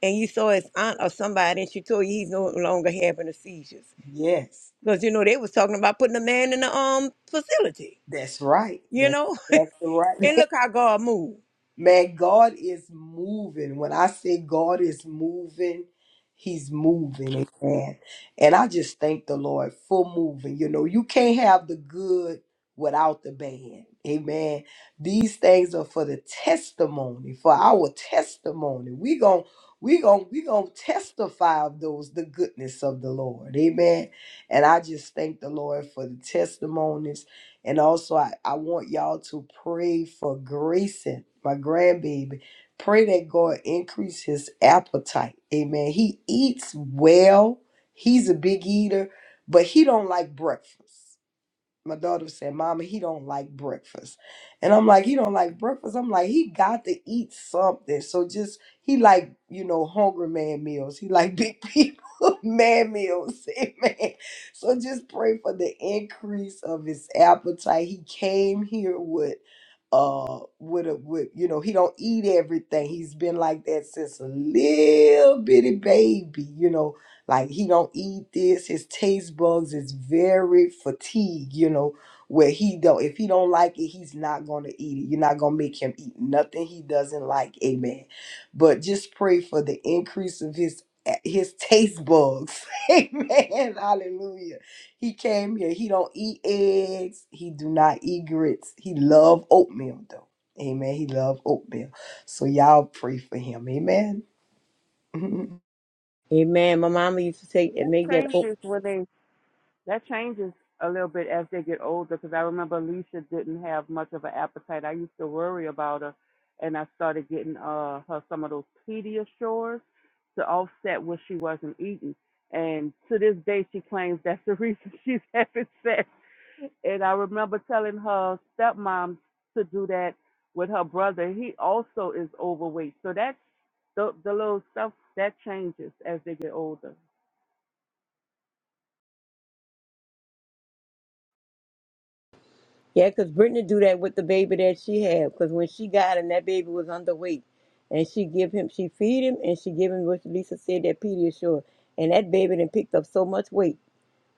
and you saw his aunt or somebody and she told you he's no longer having the seizures Yeah. Yes. because you know they was talking about putting a man in the um facility That's right. you That's know exactly right. and look how god moved Man, God is moving. When I say God is moving, He's moving. Amen. And I just thank the Lord for moving. You know, you can't have the good without the bad. Amen. These things are for the testimony, for our testimony. We gon' we gon' we gon' testify of those the goodness of the Lord. Amen. And I just thank the Lord for the testimonies and also, I, I want y'all to pray for Grayson, my grandbaby. Pray that God increase his appetite. Amen. He eats well. He's a big eater, but he don't like breakfast my daughter said, Mama, he don't like breakfast. And I'm like, he don't like breakfast. I'm like, he got to eat something. So just he like, you know, hungry man meals. He like big people man meals. Amen. So just pray for the increase of his appetite. He came here with uh with a with you know, he don't eat everything. He's been like that since a little bitty baby, you know like he don't eat this. His taste bugs is very fatigued, you know, where he don't if he don't like it, he's not gonna eat it. You're not gonna make him eat nothing he doesn't like. Amen. But just pray for the increase of his his taste bugs. Amen. Hallelujah. He came here. He don't eat eggs. He do not eat grits. He love oatmeal though. Amen. He love oatmeal. So y'all pray for him. Amen. Amen. amen my mama used to say That make that changes when they that changes a little bit as they get older. Because I remember Alicia didn't have much of an appetite. I used to worry about her, and I started getting uh her some of those Pediasures to offset what she wasn't eating. And to this day, she claims that's the reason she's having sex. And I remember telling her stepmom to do that with her brother. He also is overweight, so that's the the little stuff that changes as they get older. Yeah, 'cause Brittany do that with the baby that she had. 'Cause when she got him, that baby was underweight, and she give him, she feed him, and she give him what Lisa said that Pediasure, and that baby then picked up so much weight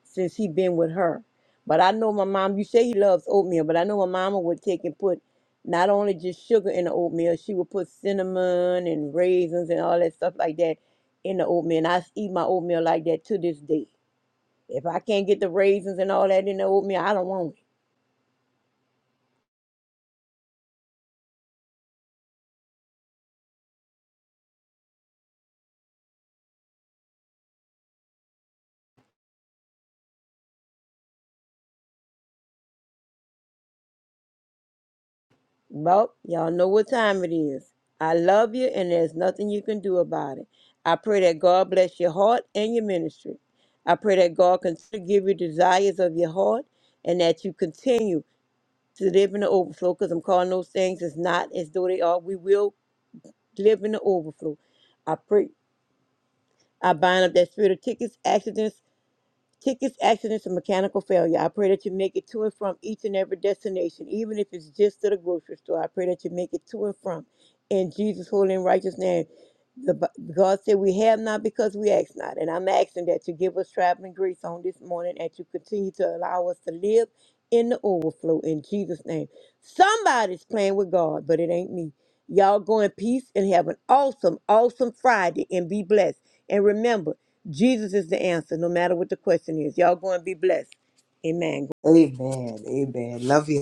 since he been with her. But I know my mom. You say he loves oatmeal, but I know my mama would take and put not only just sugar in the oatmeal, she would put cinnamon and raisins and all that stuff like that in the oatmeal. And I s- eat my oatmeal like that to this day. If I can't get the raisins and all that in the oatmeal, I don't want it. Well, y'all know what time it is. I love you, and there's nothing you can do about it. I pray that God bless your heart and your ministry. I pray that God continue to give you desires of your heart and that you continue to live in the overflow because I'm calling those things as not as though they are. We will live in the overflow. I pray. I bind up that spirit of tickets, accidents, Tickets, accidents, and mechanical failure. I pray that you make it to and from each and every destination, even if it's just to the grocery store. I pray that you make it to and from. In Jesus' holy and righteous name. The, Bi- God said, We have not because we ask not. And I'm asking that you give us traveling grace on this morning and you continue to allow us to live in the overflow in Jesus' name. Somebody's playing with God, but it ain't me. Y'all go in peace and have an awesome, awesome Friday and be blessed. And remember, Jesus is the answer, no matter what the question is. Y'all go and be blessed. Amen. Amen. Love you.